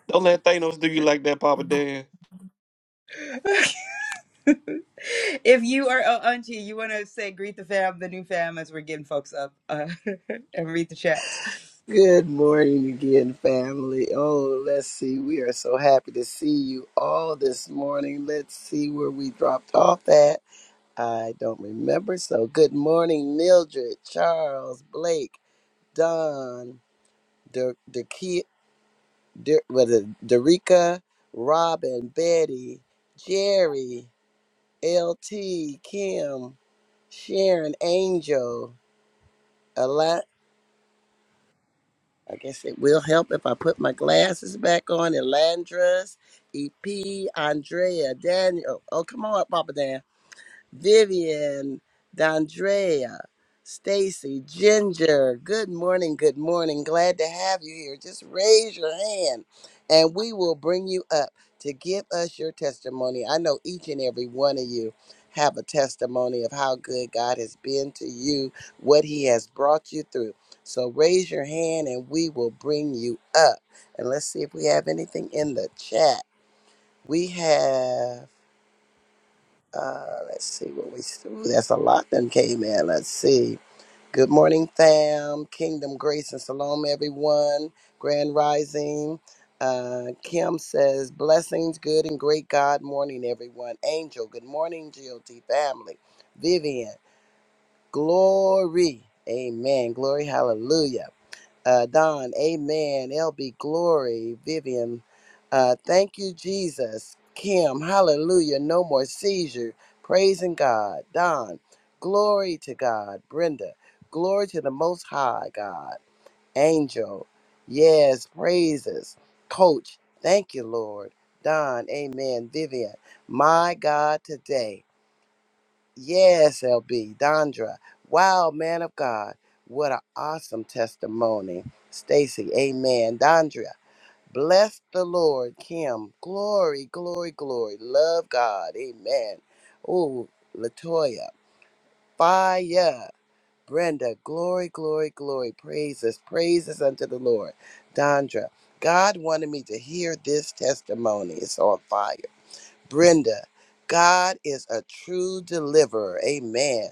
D: Don't let Thanos do you like that, Papa Dan.
A: *laughs* if you are uh, auntie, you want to say greet the fam, the new fam, as we're getting folks up, uh, *laughs* and read the chat.
B: Good morning again, family. Oh, let's see. We are so happy to see you all this morning. Let's see where we dropped off at. I don't remember. So, good morning, Mildred, Charles, Blake, Don, De- De- De- was it Derica, Robin, Betty, Jerry, LT, Kim, Sharon, Angel, I guess it will help if I put my glasses back on. Elandras, EP, Andrea, Daniel. Oh, oh, come on, Papa Dan. Vivian, Dondrea, Stacy, Ginger. Good morning, good morning. Glad to have you here. Just raise your hand and we will bring you up to give us your testimony. I know each and every one of you have a testimony of how good God has been to you, what he has brought you through. So raise your hand and we will bring you up. And let's see if we have anything in the chat. We have. Uh, let's see what we. Ooh, that's a lot that came in. Let's see. Good morning, fam. Kingdom grace and shalom, everyone. Grand rising. Uh, Kim says blessings, good and great God morning, everyone. Angel, good morning, GOT family. Vivian, glory. Amen. Glory, hallelujah uh, Don, Amen, LB, Glory, Vivian. Uh, thank you, Jesus. Kim, hallelujah, no more seizure. Praising God. Don, glory to God. Brenda, glory to the Most High God. Angel, yes, praises. Coach, thank you, Lord. Don, amen. Vivian, my God, today. Yes, LB, Dondra. Wow, man of God. What an awesome testimony. Stacy, amen. Dondra, bless the Lord. Kim, glory, glory, glory. Love God, amen. Ooh, Latoya, fire. Brenda, glory, glory, glory. Praises, praises unto the Lord. Dondra, God wanted me to hear this testimony. It's on fire. Brenda, God is a true deliverer. Amen.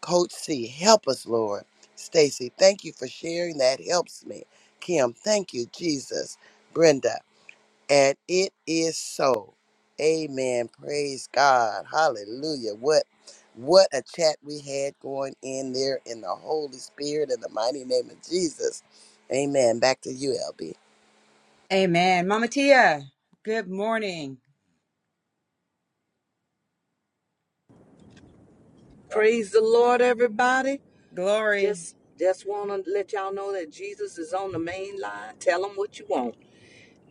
B: Coach C, help us, Lord. Stacy, thank you for sharing. That helps me. Kim, thank you, Jesus. Brenda, and it is so. Amen. Praise God. Hallelujah. What what a chat we had going in there in the Holy Spirit in the mighty name of Jesus. Amen. Back to you, LB.
A: Amen. Mama Tia, good morning.
H: Praise the Lord, everybody.
A: Glory.
H: Just just want to let y'all know that Jesus is on the main line. Tell him what you want.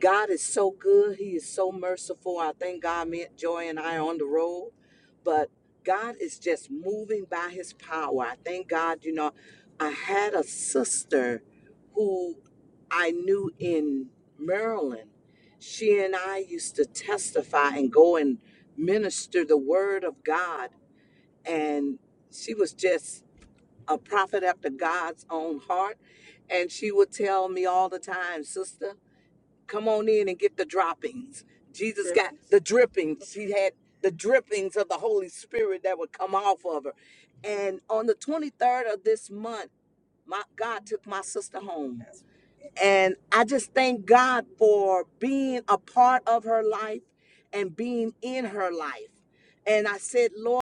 H: God is so good. He is so merciful. I thank God me, Joy, and I are on the road. But God is just moving by his power. I thank God, you know, I had a sister who I knew in Maryland. She and I used to testify and go and minister the word of God. And she was just a prophet after God's own heart. And she would tell me all the time, sister, come on in and get the droppings. Jesus got the drippings. She had the drippings of the Holy Spirit that would come off of her. And on the 23rd of this month, my God took my sister home. And I just thank God for being a part of her life and being in her life. And I said, Lord,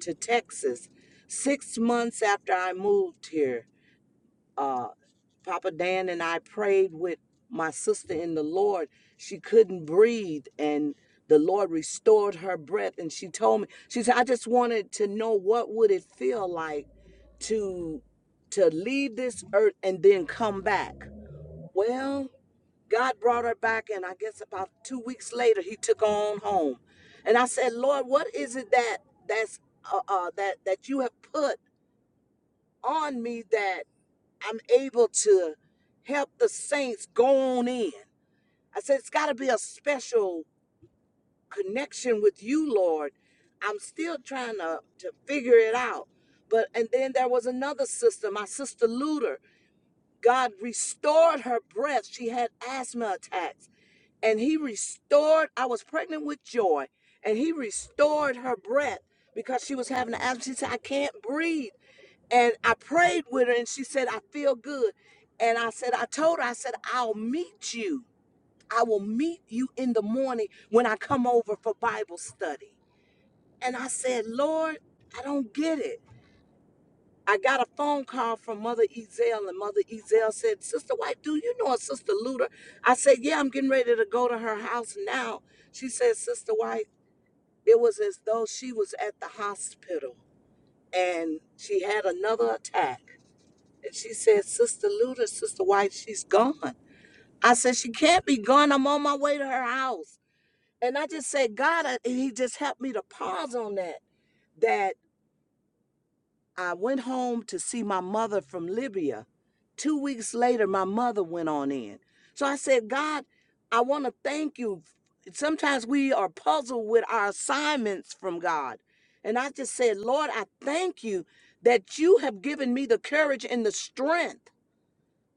H: to Texas, six months after I moved here. uh, Papa Dan and I prayed with my sister in the Lord. She couldn't breathe, and the Lord restored her breath. And she told me, she said, "I just wanted to know what would it feel like to to leave this earth and then come back." Well, God brought her back, and I guess about two weeks later, He took her on home. And I said, "Lord, what is it that that's uh, uh, that that you have put?" on me that I'm able to help the saints go on in. I said, it's got to be a special connection with you, Lord. I'm still trying to, to figure it out. But, and then there was another sister, my sister Luder. God restored her breath. She had asthma attacks, and He restored. I was pregnant with joy, and He restored her breath because she was having asthma. She said, I can't breathe. And I prayed with her, and she said, I feel good. And I said, I told her, I said, I'll meet you. I will meet you in the morning when I come over for Bible study. And I said, Lord, I don't get it. I got a phone call from Mother Ezell, and Mother Ezell said, Sister White, do you know a Sister Luda? I said, Yeah, I'm getting ready to go to her house now. She said, Sister White, it was as though she was at the hospital and she had another attack. And she said, Sister Luda, Sister White, she's gone. I said, She can't be gone. I'm on my way to her house. And I just said, God, I- He just helped me to pause on that that I went home to see my mother from Libya. Two weeks later, my mother went on in. So I said, God, I want to thank you. Sometimes we are puzzled with our assignments from God. And I just said, Lord, I thank you that you have given me the courage and the strength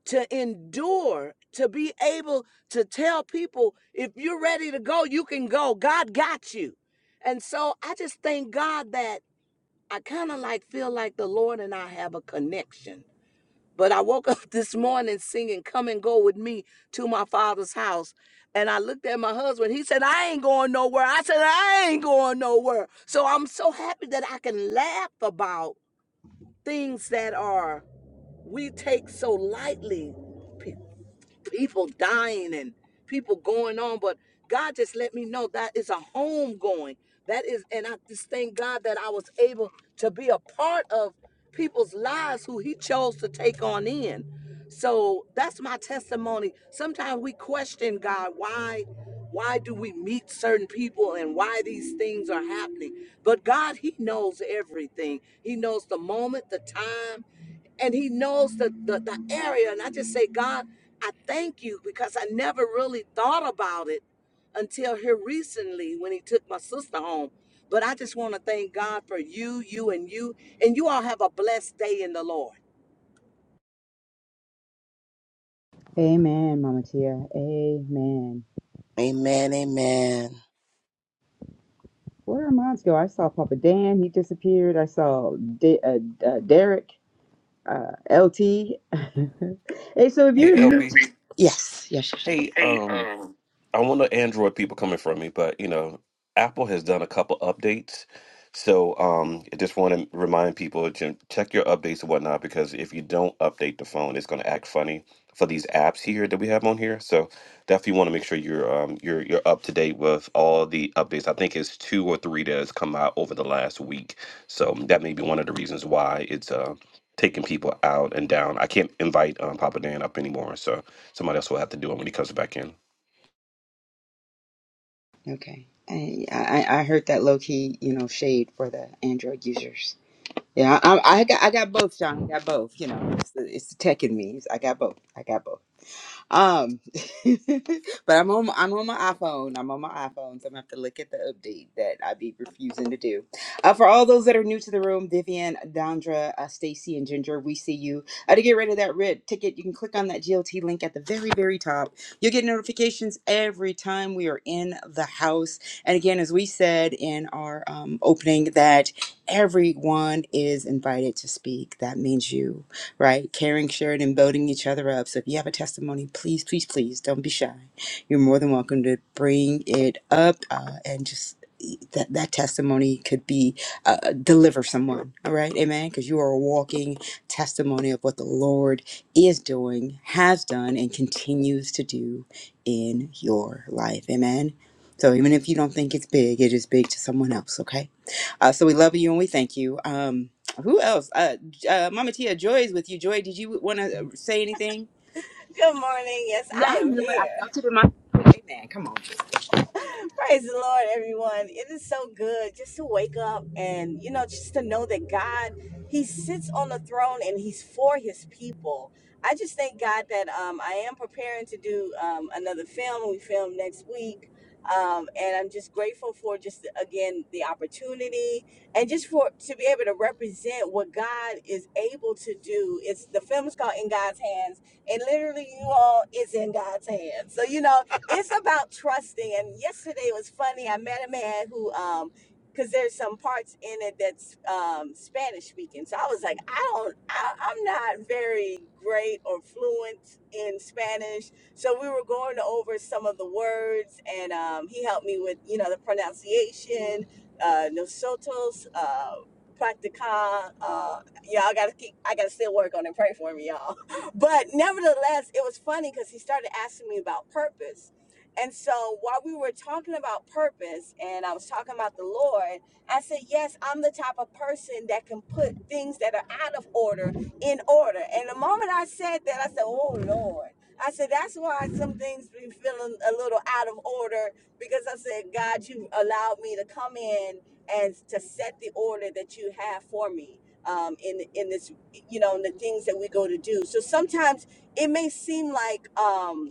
H: to endure, to be able to tell people, if you're ready to go, you can go. God got you. And so I just thank God that. I kind of like feel like the Lord and I have a connection. But I woke *laughs* up this morning singing Come and Go with Me to my father's house. And I looked at my husband. He said, I ain't going nowhere. I said, I ain't going nowhere. So I'm so happy that I can laugh about things that are we take so lightly people dying and people going on. But God just let me know that is a home going. That is, and I just thank God that I was able to be a part of people's lives who He chose to take on in. So that's my testimony. Sometimes we question God, why, why do we meet certain people and why these things are happening? But God, He knows everything. He knows the moment, the time and he knows the, the the area and i just say god i thank you because i never really thought about it until here recently when he took my sister home but i just want to thank god for you you and you and you all have a blessed day in the lord
A: Amen, Mama Tia. Amen.
B: Amen. Amen.
A: Where are mine go? I saw Papa Dan. He disappeared. I saw D- uh, uh, Derek, uh, LT. *laughs* hey, so if
D: Hey,
A: you're new,
D: LB.
A: yes, yes, yes, yes.
D: Hey,
A: Hey,
D: um.
A: um,
D: I want the Android people coming from me, but you know, Apple has done a couple updates. So um, I just want to remind people to check your updates and whatnot because if you don't update the phone, it's going to act funny for these apps here that we have on here. So definitely want to make sure you're um, you're you're up to date with all the updates. I think it's two or three that has come out over the last week. So that may be one of the reasons why it's uh, taking people out and down. I can't invite um, Papa Dan up anymore, so somebody else will have to do it when he comes back in.
A: okay. I, I I heard that low key, you know, shade for the Android users. Yeah, I, I I got I got both, John. I got both. You know, it's the, it's the tech in me. I got both. I got both. Um, *laughs* but I'm on I'm on my iPhone. I'm on my iPhone, so I'm gonna have to look at the update that I be refusing to do. Uh, for all those that are new to the room, Vivian, Dondra, uh, Stacy, and Ginger, we see you. Uh, to get rid of that red ticket, you can click on that GLT link at the very very top. You'll get notifications every time we are in the house. And again, as we said in our um, opening, that everyone is invited to speak. That means you right? Caring, sharing, and building each other up. So if you have a testimony, please, please, please don't be shy. You're more than welcome to bring it up uh, and just e, that, that testimony could be uh, deliver someone all right amen because you are a walking testimony of what the lord is doing has done and continues to do in your life amen so even if you don't think it's big it is big to someone else okay uh, so we love you and we thank you um who else? Uh, uh, Mama Tia, Joy is with you. Joy, did you want to say anything?
H: Good morning. Yes,
A: Yeah,
H: I
A: I
H: am
A: knew it. I
H: here.
A: felt it in my. Amen. Come on.
H: Praise the Lord, everyone. It is so good just to wake up and, you know, just to know that God, He sits on the throne and He's for His people. I just thank God that um, I am preparing to do um, another film. We film next week. Um, and I'm just grateful for just, again, the opportunity and just for to be able to represent what God is able to do. It's the film is called In God's Hands. And literally, you all, it's in God's hands. So, you know, it's about trusting. And yesterday was funny. I met a man who, um, because there's some parts in it that's um, Spanish speaking. So I was like, I don't, I, I'm not very great or fluent in Spanish. So we were going over some of the words, and um, he helped me with, you know, the pronunciation, uh, nosotros, uh, practica. Uh, y'all gotta keep, I gotta still work on it. Pray for me, y'all. *laughs* But nevertheless, it was funny because he started asking me about purpose and so while we were talking about purpose and I was talking about the Lord, I said, Yes, I'm the type of person that can put things that are out of order in order. And the moment I said that, I said, Oh Lord. I said, That's why some things be feeling a little out of order because I said, God, you allowed me to come in and to set the order that you have for me. Um, in in this, you know, in the things that we go to do. So sometimes it may seem like um,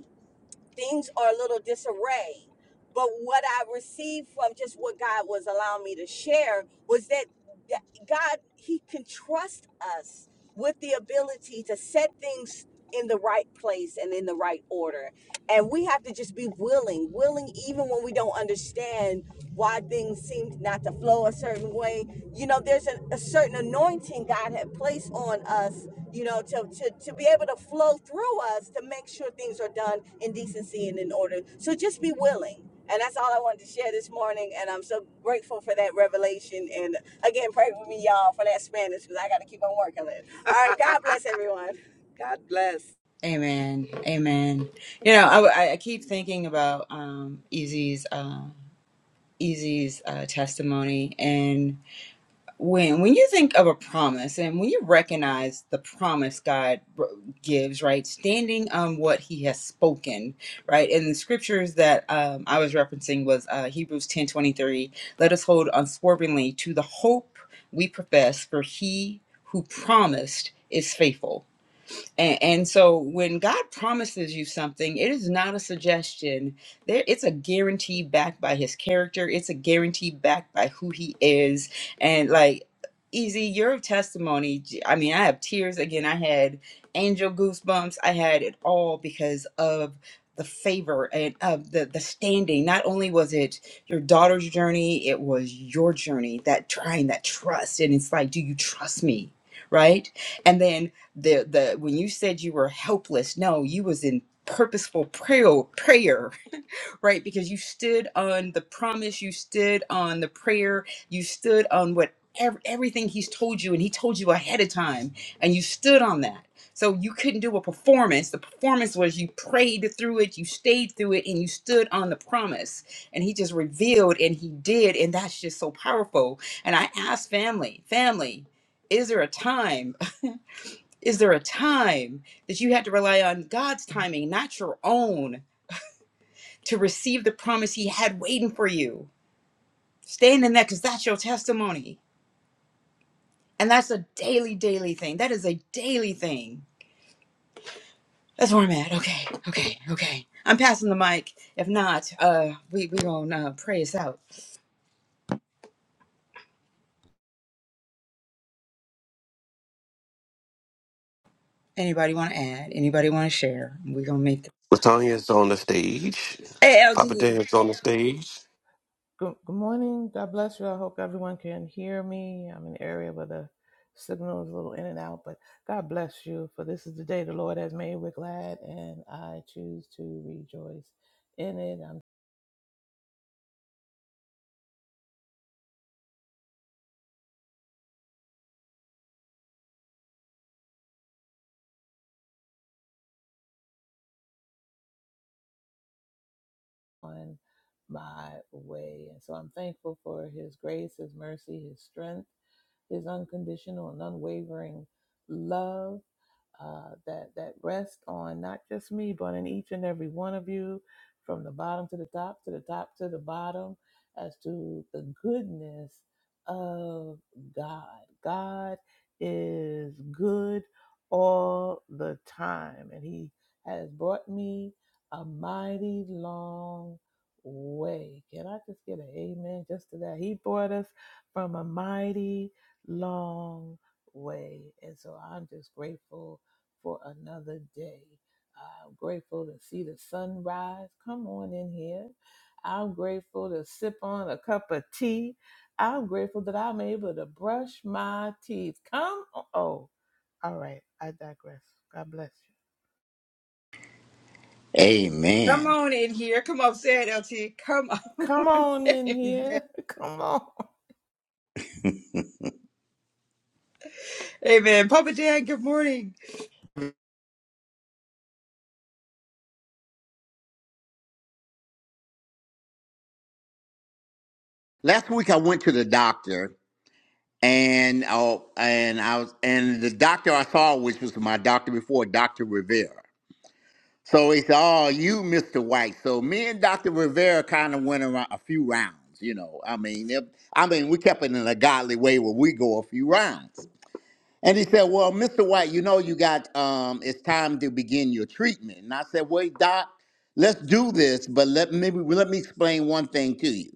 H: things are a little disarray. But what I received from just what God was allowing me to share was that that God, He can trust us with the ability to set things in the right place and in the right order. And we have to just be willing, willing even when we don't understand why things seem not to flow a certain way. You know, there's a, a certain anointing God had placed on us, you know, to, to, to be able to flow through us to make sure things are done in decency and in order. So just be willing and that's all I wanted to share this morning. And I'm so grateful for that revelation. And again, pray with me, y'all, for that Spanish because I got to keep on working it. All right. God bless everyone. *laughs* God bless.
A: Amen. Amen. You know, I, I keep thinking about um, Easy's uh, Easy's uh, testimony, and when when you think of a promise and when you recognize the promise God r- gives, right, standing on what He has spoken, right, and the scriptures that um, I was referencing was uh, Hebrews ten twenty three. Let us hold unswervingly to the hope we profess, for He who promised is faithful. And, and so when God promises you something, it is not a suggestion. There, it's a guarantee backed by his character. It's a guarantee backed by who he is. And like Easy, your testimony, j- I mean, I have tears again. I had angel goosebumps. I had it all because of the favor and of the the standing. Not only was it your daughter's journey, it was your journey, that trying that trust. And it's like, do you trust me? Right? And then the the when you said you were helpless no you was in purposeful prayer prayer right because you stood on the promise you stood on the prayer you stood on what ev- everything he's told you and he told you ahead of time and you stood on that so you couldn't do a performance the performance was you prayed through it you stayed through it and you stood on the promise and he just revealed and he did and that's just so powerful and i asked family family is there a time is there a time that you had to rely on God's timing, not your own, to receive the promise He had waiting for you? Stand in that because that's your testimony. And that's a daily, daily thing. That is a daily thing. That's where I'm at. Okay, okay, okay. I'm passing the mic. If not, uh, we we gonna uh, pray us out. Anybody want to add? Anybody want to share? We gonna make. The-
D: Latanya's on the stage.
A: hey,
D: Papa
A: LT,
D: Dan's on the stage.
I: Good, good morning. God bless you. I hope everyone can hear me. I'm in an area where the signal is a little in and out, but God bless you. For this is the day the Lord has made. We're glad, and I choose to rejoice in it. I'm on my way. And so I'm thankful for His grace, His mercy, His strength, His unconditional and unwavering love. uh, that that rest on not just me, but in each and every one of you, from the bottom to the top, to the top to the bottom, as to the goodness of God. God is good all the time, and He has brought me a mighty long way. Can I just get an amen just to that? He brought us from a mighty long way, and so I'm just grateful for another day. I'm grateful to see the sunrise. Come on in here. I'm grateful to sip on a cup of tea. I'm grateful that I'm able to brush my teeth. Come on. Oh, all right. I digress. God bless you.
A: come
F: Amen.
A: on in here. Come on, say it, LT. Come
I: Come
A: on.
I: on
A: *laughs*
I: in
A: Amen.
I: here. *laughs* Come on.
A: Amen. Papa Dan, good morning.
F: Last week I went to the doctor and oh and I was and the doctor I saw, which was my doctor before, Dr. Rivera. So it's all you, Mr. White. So me and Dr. Rivera kind of went around a few rounds, you know. I mean, if, I mean, we kept it in a godly way where we go a few rounds. And he said, "Well, Mr. White, you know you got um, it's time to begin your treatment." And I said, "Wait, Doc, let's do this, but let maybe let me explain one thing to you.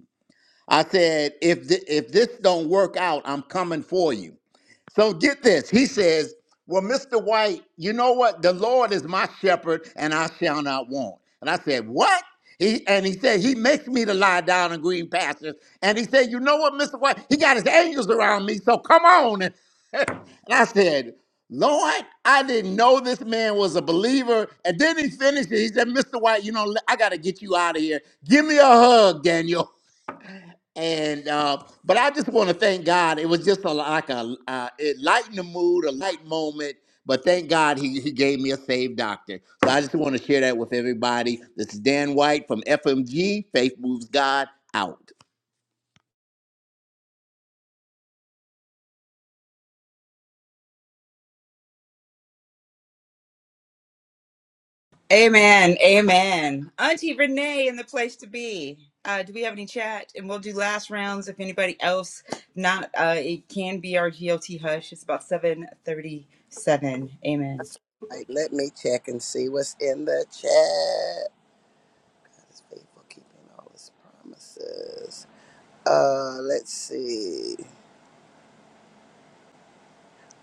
F: I said, if th- if this don't work out, I'm coming for you. So get this. He says, "Well, Mr. White, you know what? The Lord is my shepherd, and I shall not want." And I said, "What?" He and he said, "He makes me to lie down in green pastures." And he said, "You know what, Mr. White? He got his angels around me. So come on." And, I said, "Lord, I didn't know this man was a believer." And then he finished it. He said, "Mr. White, you know, I got to get you out of here. Give me a hug, Daniel." and uh, but I just want to thank God. It was just a, like a uh, it lightened the mood, a light moment. But thank God he, he gave me a saved doctor. So I just want to share that with everybody. This is Dan White from FMG. Faith moves God out.
A: Amen. Amen. Auntie Renee in the place to be. Uh, do we have any chat? And we'll do last rounds if anybody else not. Uh, it can be our GLT hush. It's about seven thirty-seven. Amen.
B: All right, let me check and see what's in the chat. God faithful, keeping all his promises. Uh, let's see.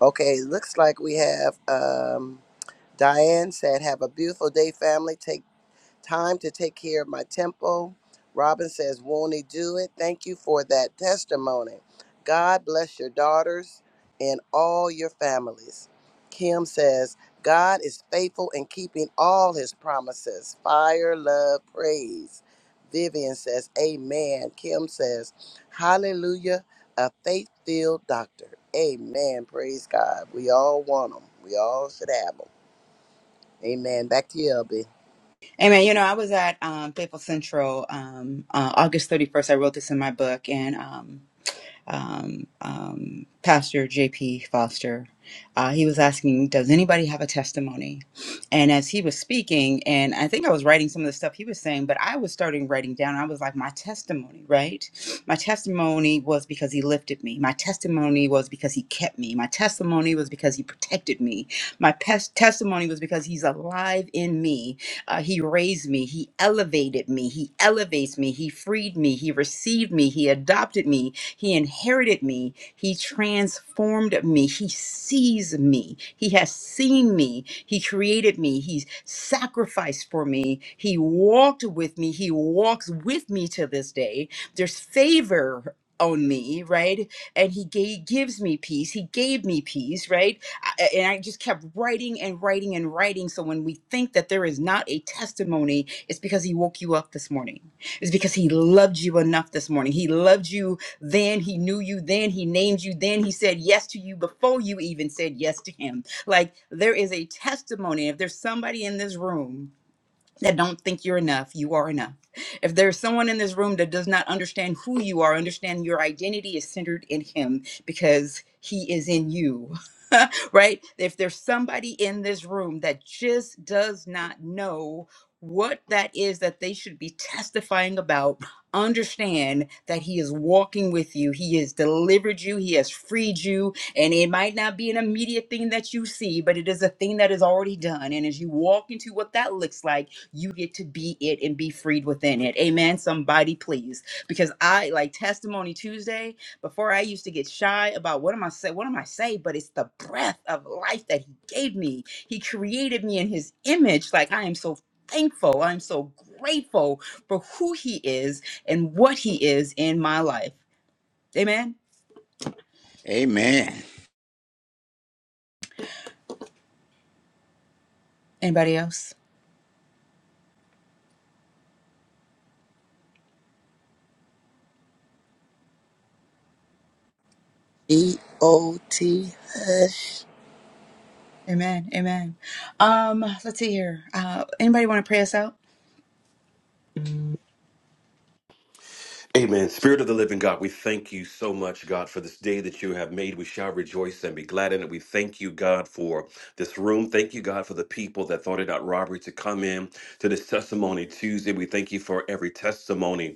B: Okay, looks like we have um, Diane said, "Have a beautiful day, family. Take time to take care of my temple. Robin says, Won't he do it? Thank you for that testimony. God bless your daughters and all your families. Kim says, God is faithful in keeping all his promises. Fire, love, praise. Vivian says, Amen. Kim says, Hallelujah, a faith filled doctor. Amen. Praise God. We all want them. We all should have them. Amen. Back to you, LB.
A: Amen. You know, I was at um, Faithful Central um, uh, August thirty-first. I wrote this in my book, and um, um, um, Pastor J.P. Foster. Uh, he was asking, Does anybody have a testimony? And as he was speaking, and I think I was writing some of the stuff he was saying, but I was starting writing down. I was like, My testimony, right? My testimony was because he lifted me. My testimony was because he kept me. My testimony was because he protected me. My pes- testimony was because he's alive in me. Uh, he raised me. He elevated me. He elevates me. He freed me. He received me. He adopted me. He inherited me. He transformed me. He sees me. He has seen me. He created me. He's sacrificed for me. He walked with me. He walks with me to this day. There's favor on me, right? And he gave, gives me peace. He gave me peace, right? I- and I just kept writing and writing and writing. So when we think that there is not a testimony, it's because he woke you up this morning. It's because he loved you enough this morning. He loved you then he knew you. Then he named you. Then he said yes to you before you even said yes to him. Like there is a testimony. If there's somebody in this room that don't think you're enough, you are enough. If there's someone in this room that does not understand who you are, understand your identity is centered in Him because He is in you. *laughs* right? If there's somebody in this room that just does not know what that is that they should be testifying about, understand that He is walking with you. He has delivered you, He has freed you, and it might not be an immediate thing that you see, but it is a thing that is already done. And as you walk into what that looks like, you get to be it and be freed within it. Amen. Somebody, please. Because I like testimony Tuesday. Before I used to get shy about what am I say, what am I say, but it's the breath of life that he gave me. He created me in his image. Like I am so thankful. I'm so grateful for who he is and what he is in my life. Amen.
F: Amen.
A: Anybody else?
B: E O T
A: Amen. Amen. Um, let's see here. Uh anybody want to pray us out?
D: much, God, for this day that you have made. We shall rejoice and be glad in it. We thank you, God, for this room. Thank you, God, for the people that thought it out robbery to come in to this testimony Tuesday. We thank you for every testimony.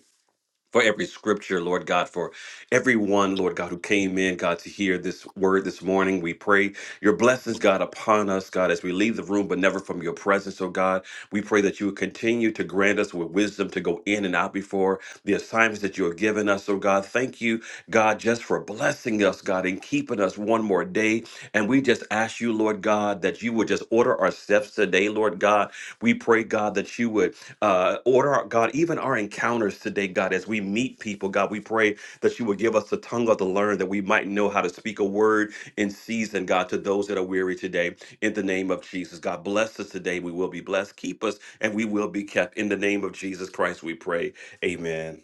D: for every scripture, Lord God, for everyone, Lord God, who came in, God, to hear this word this morning. We pray your blessings, God, upon us, God, as we leave the room, but never from your presence, oh God. We pray that you would continue to grant us with wisdom to go in and out before the assignments that you have given us, oh God. Thank you, God, just for blessing us, God, and keeping us one more day. And we just ask you, Lord God, that you would just order our steps today, Lord God. We pray, God, that you would uh, order, our, God, even our encounters today, God, as we meet people, God, we pray that you would give us the tongue of the learned that we might know how to speak a word in season, God, to those that are weary today. In the name of Jesus, God, bless us today. We will be blessed. Keep us and we will be kept. In the name of Jesus Christ, we pray. Amen.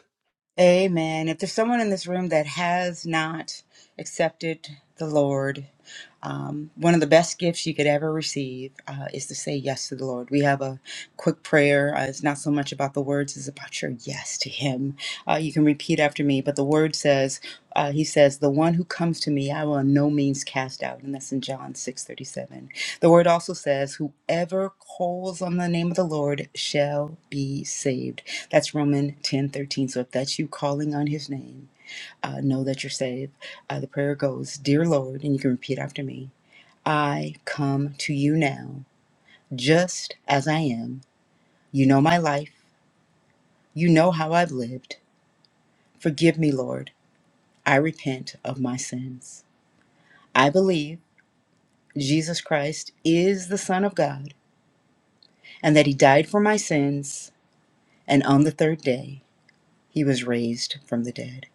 A: Amen. If there's someone in this room that has not accepted the Lord, um, one of the best gifts you could ever receive uh, is to say yes to the Lord. We have a quick prayer. Uh, it's not so much about the words, it's about your yes to Him. Uh, you can repeat after me, but the word says, uh, He says, The one who comes to me, I will in no means cast out. And that's in John six thirty seven. The word also says, Whoever calls on the name of the Lord shall be saved. That's Romans ten thirteen. So if that's you calling on his name, uh, know that you're saved. Uh, the prayer goes, Dear Lord, and you can repeat after me I come to you now, just as I am. You know my life, you know how I've lived. Forgive me, Lord. I repent of my sins. I believe Jesus Christ is the Son of God and that he died for my sins, and on the third day he was raised from the dead.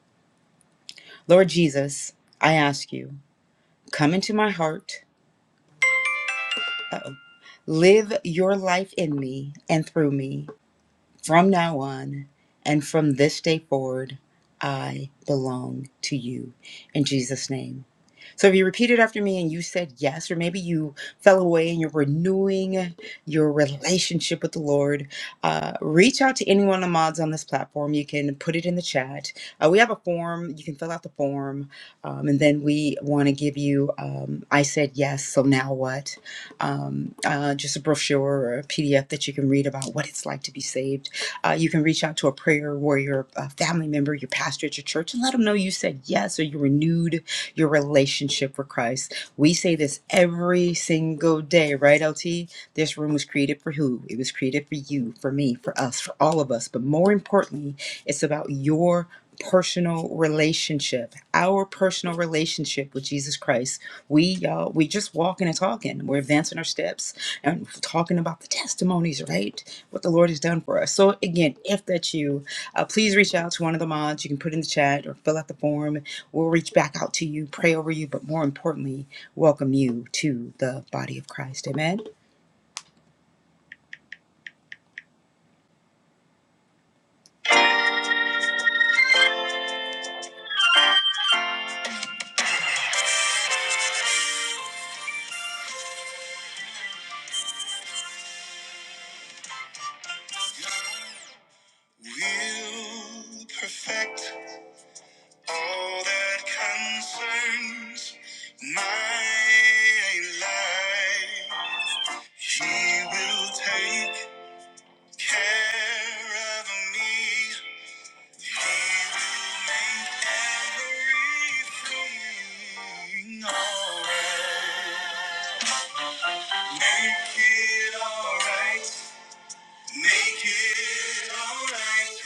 A: Lord Jesus, I ask you, come into my heart Live your life in me and through me from now on and from this day forward, I belong to you in Jesus' name. So if you repeated after me and you said yes, or maybe you fell away and you're renewing your relationship with the Lord, uh, reach out to any one of the mods on this platform. You can put it in the chat. Uh, we have a form. You can fill out the form. Um, and then we want to give you um, I said yes, so now what? Um, uh, just a brochure or a PDF that you can read about what it's like to be saved uh, you can reach out to a prayer warrior, a family member, your pastor at your church, and let them know you said yes or you renewed your relationship with Christ. We say this every single day, right, LT? This room was created for who? It was created for you, for me, for us, for all of us. But more importantly, it's about your personal relationship, our personal relationship with Jesus Christ. We, y'all, we just walking and talking. We're advancing our steps and talking about the testimonies, right? What the Lord has done for us. So, again, if that's you, uh, please reach out to one of the mods. You can put in the chat or fill out the form. We'll reach back out to you, pray over you, but more importantly, welcome you to the body of Christ. Amen. We'll perfect all that concerns my life. He will take care of me. Again, Lord, make it alright. Make it alright.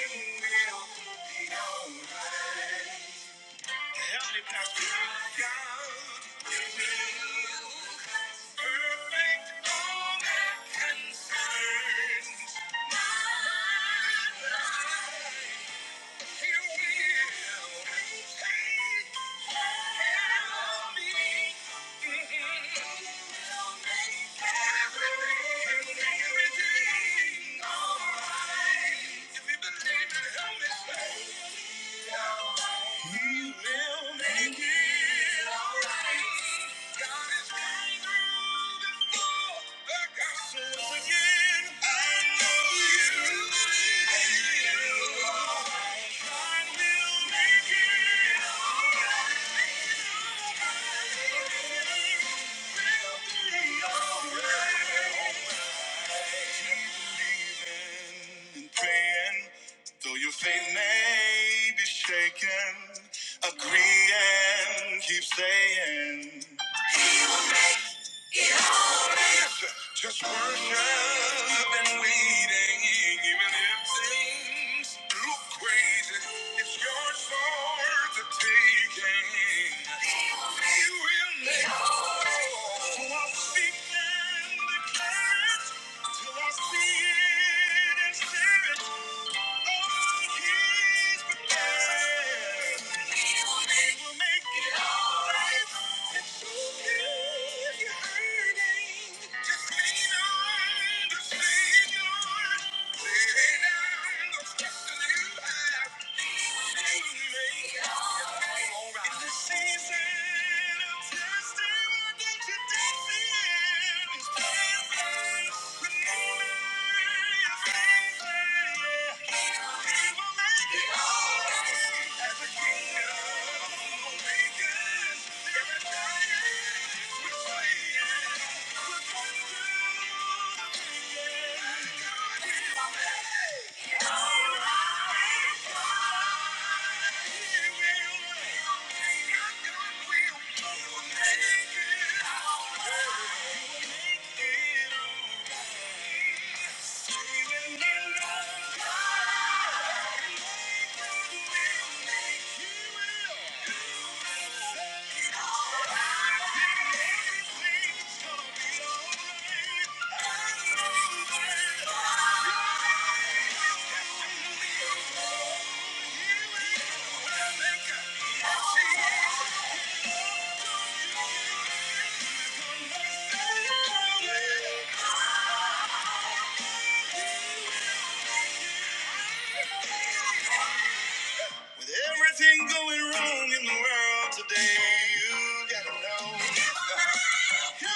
A: Everything will be alright. Heavenly Pastor, God, you will perfect all that concerns my life. He will make it all right. God is coming through before the gospel again praying, though your faith may be shaken, agreeing, keep saying. Just worship and waiting, even if things look crazy. It's yours for the taking. You will make all. So I'll speak and declare it till I see it and share it. Oh, he's prepared. Season of testing, yeah. Thank you. With everything going wrong in the world today, you gotta know. You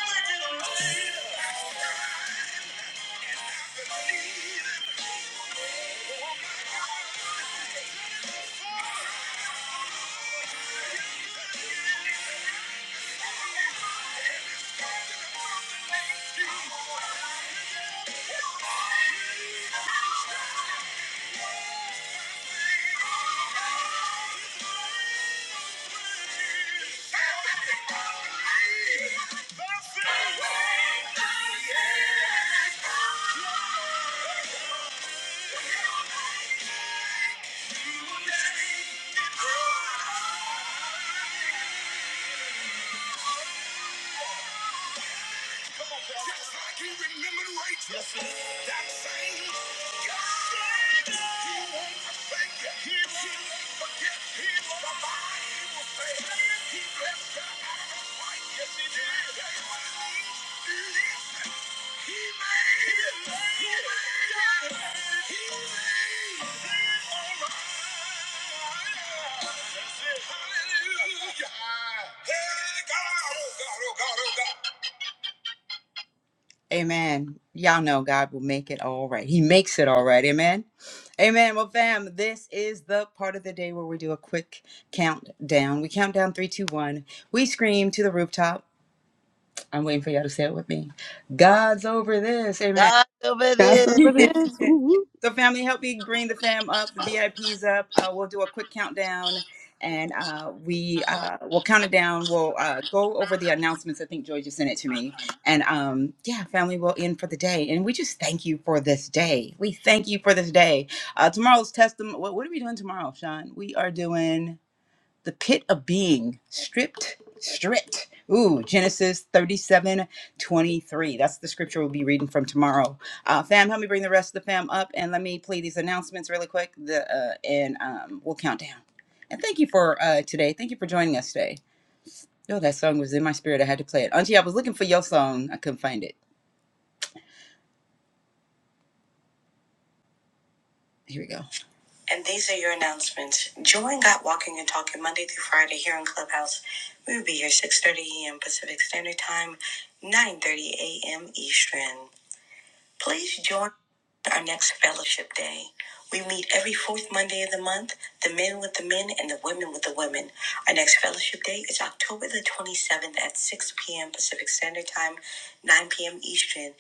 A: make it right. Just like he remembered Rachel. Yes, sir. That same God. He won't forsake you. He will not forget. you. The Bible He will say, He blessed her out of his life. Yes, he did. I tell you what it means? Listen. He made it. He made it. He made it all right. That's it. Hallelujah. Hey, God. Oh, God. Oh, God. Oh, God. Amen. Y'all know God will make it all right. He makes it all right. Amen. Amen. Well, fam, this is the part of the day where we do a quick countdown. We count down three, two, one. We scream to the rooftop. I'm waiting for y'all to say it with me. God's over this. Amen.
B: God over
H: That's
B: there.
H: what
A: *laughs*
H: it is. Ooh,
A: So, family, help me bring the fam up, the VIPs up. Uh, we'll do a quick countdown, and uh, we uh, will count it down. We'll uh, go over the announcements. I think Joy just sent it to me, and um, yeah, family, we'll end for the day. And we just thank you for this day. We thank you for this day. Uh, tomorrow's testimony. What, what are we doing tomorrow, Sean? We are doing the pit of being stripped stripped ooh genesis 37 23. that's the scripture we'll be reading from tomorrow uh, fam help me bring the rest of the fam up and let me play these announcements really quick the, uh, and um, we'll count down and thank you for uh, today thank you for joining us today yo that song was in my spirit i had to play it auntie i was looking for your song i couldn't find it here we go And these are your announcements. Join Got Walking and Talking Monday through Friday here on Clubhouse. We will be here 6.30 a.m. Pacific Standard Time, 9.30 a.m. Eastern. Please join our next fellowship day. We meet every fourth Monday of the month, the men with the men and the women with the women. Our next fellowship day is October the 27th at 6 p.m. Pacific Standard Time, 9 p.m. Eastern.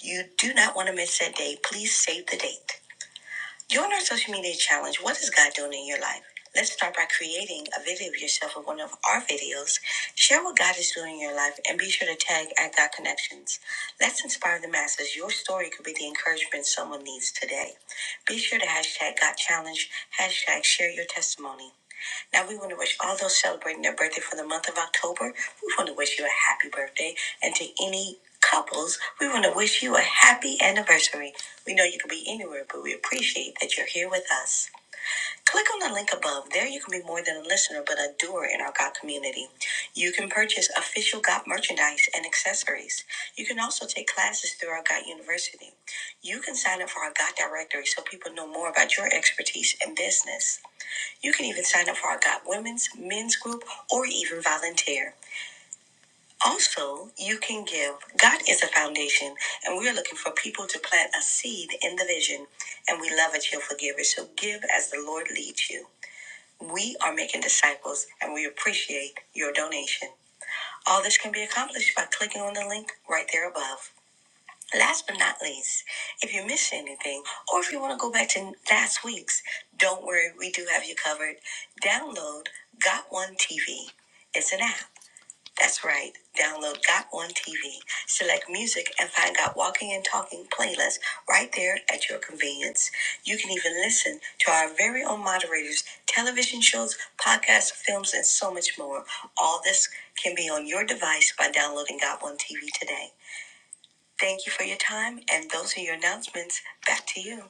A: You do not want to miss that day. Please save the date. During our social media challenge, what is God doing in your life? Let's start by creating a video of yourself in one of our videos. Share what God is doing in your life and be sure to tag at God Connections. Let's inspire the masses. Your story could be the encouragement someone needs today. Be sure to hashtag God Challenge, hashtag share your testimony. Now, we want to wish all those celebrating their birthday for the month of October, we want to wish you a happy birthday. And to any couples, we want to wish you a happy anniversary. We know you could be anywhere, but we appreciate that you're here with us. Click on the link above. There, you can be more than a listener, but a doer in our GOT community. You can purchase official GOT merchandise and accessories. You can also take classes through our GOT University. You can sign up for our GOT directory so people know more about your expertise and business. You can even sign up for our God Women's Men's Group or even volunteer. Also, you can give. God is a foundation, and we're looking for people to plant a seed in the vision. And we love that you're forgivers, so give as the Lord leads you. We are making disciples, and we appreciate your donation. All this can be accomplished by clicking on the link right there above. Last but not least, if you missed anything or if you want to go back to last week's, don't worry, we do have you covered. Download Got One TV. It's an app. That's right. Download Got One TV. Select music and find Got Walking and Talking playlist right there at your convenience. You can even listen to our very own moderators, television shows, podcasts, films, and so much more. All this can be on your device by downloading Got One TV today. Thank you for your time, and those are your announcements. Back to you.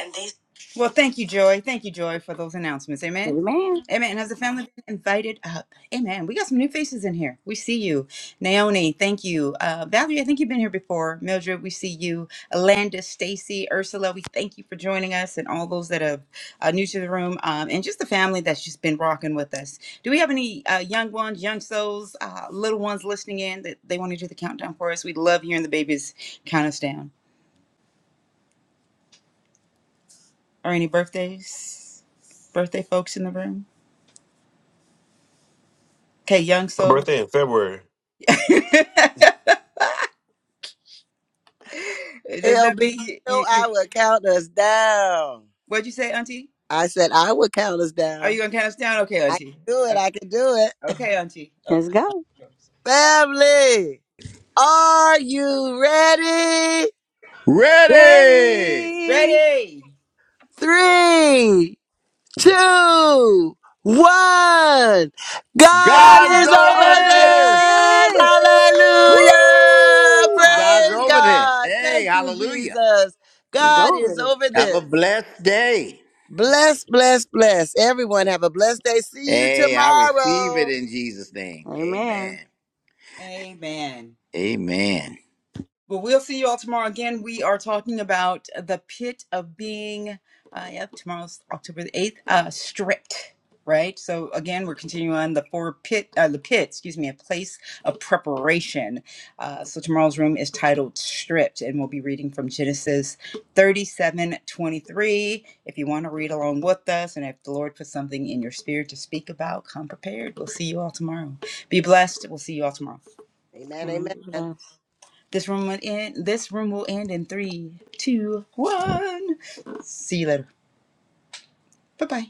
A: And they Well, thank you, Joy. Thank you, Joy, for those announcements.
H: ooh.
A: Amen.
H: Amen.
A: Amen. And has the family been invited up? Amen. We got some new faces in here. We see you. Naomi, thank you. Uh, Valerie, I think you've been here before. Mildred, we see you. Alanda, Stacy, Ursula, we thank you for joining us and all those that are uh, new to the room um, and just the family that's just been rocking with us. Do we have any uh, young ones, young souls, uh, little ones listening in that they want to do the countdown for us? We love hearing the babies count us down. Or any birthdays? Birthday folks in the room? Okay, young soul. *laughs* Does that
B: LB, you
A: mean you,
B: know
A: you, you?
B: I would count us down.
A: What'd you say, Auntie?
B: I said I would count us
A: Are you
B: down.
A: gonna count us down? Okay,
B: I can
A: Auntie.
B: do it.
A: Okay,
B: I can do it.
A: okay, Auntie. Okay.
H: Let's go.
B: Family, are you ready?
F: Ready?
H: Ready?
A: Ready?
B: Three, two, one. God
A: God's
F: God's
B: is
H: God's
A: over
B: over
F: over
H: over
A: this.
F: this.
B: this.
H: this. Woo!
B: Hallelujah.
F: Woo! God's
B: Praise
F: over
H: Hallelujah.
F: this.
B: God.
F: Hey,
B: Thank you,
F: hallelujah.
B: Jesus.
H: He's
B: God
H: over
B: is
H: this.
B: over
F: Have a
B: this.
F: blessed day.
B: Bless, bless, bless. Everyone have a blessed day. See you
F: Hey, I receive it
B: tomorrow.
F: in Jesus' name.
H: Amen.
F: Amen.
A: Amen.
F: Amen.
A: Well, we'll see you all tomorrow again. We are talking about the pit of being, uh, yep, tomorrow's October the 8th, uh, stripped, right? So again, we're continuing on the four pit, uh, the pit, excuse me, a place of preparation. Uh, so tomorrow's room is titled Stripped, and we'll be reading from Genesis 37:23. If you want to read along with us, and if the Lord puts something in your spirit to speak about, come prepared. We'll see you all tomorrow. Be blessed. We'll see you all tomorrow.
B: Amen.
H: Amen. Be
B: Amen.
H: blessed.
A: This room will end. This room will end in three, two, one. See you later. Bye bye.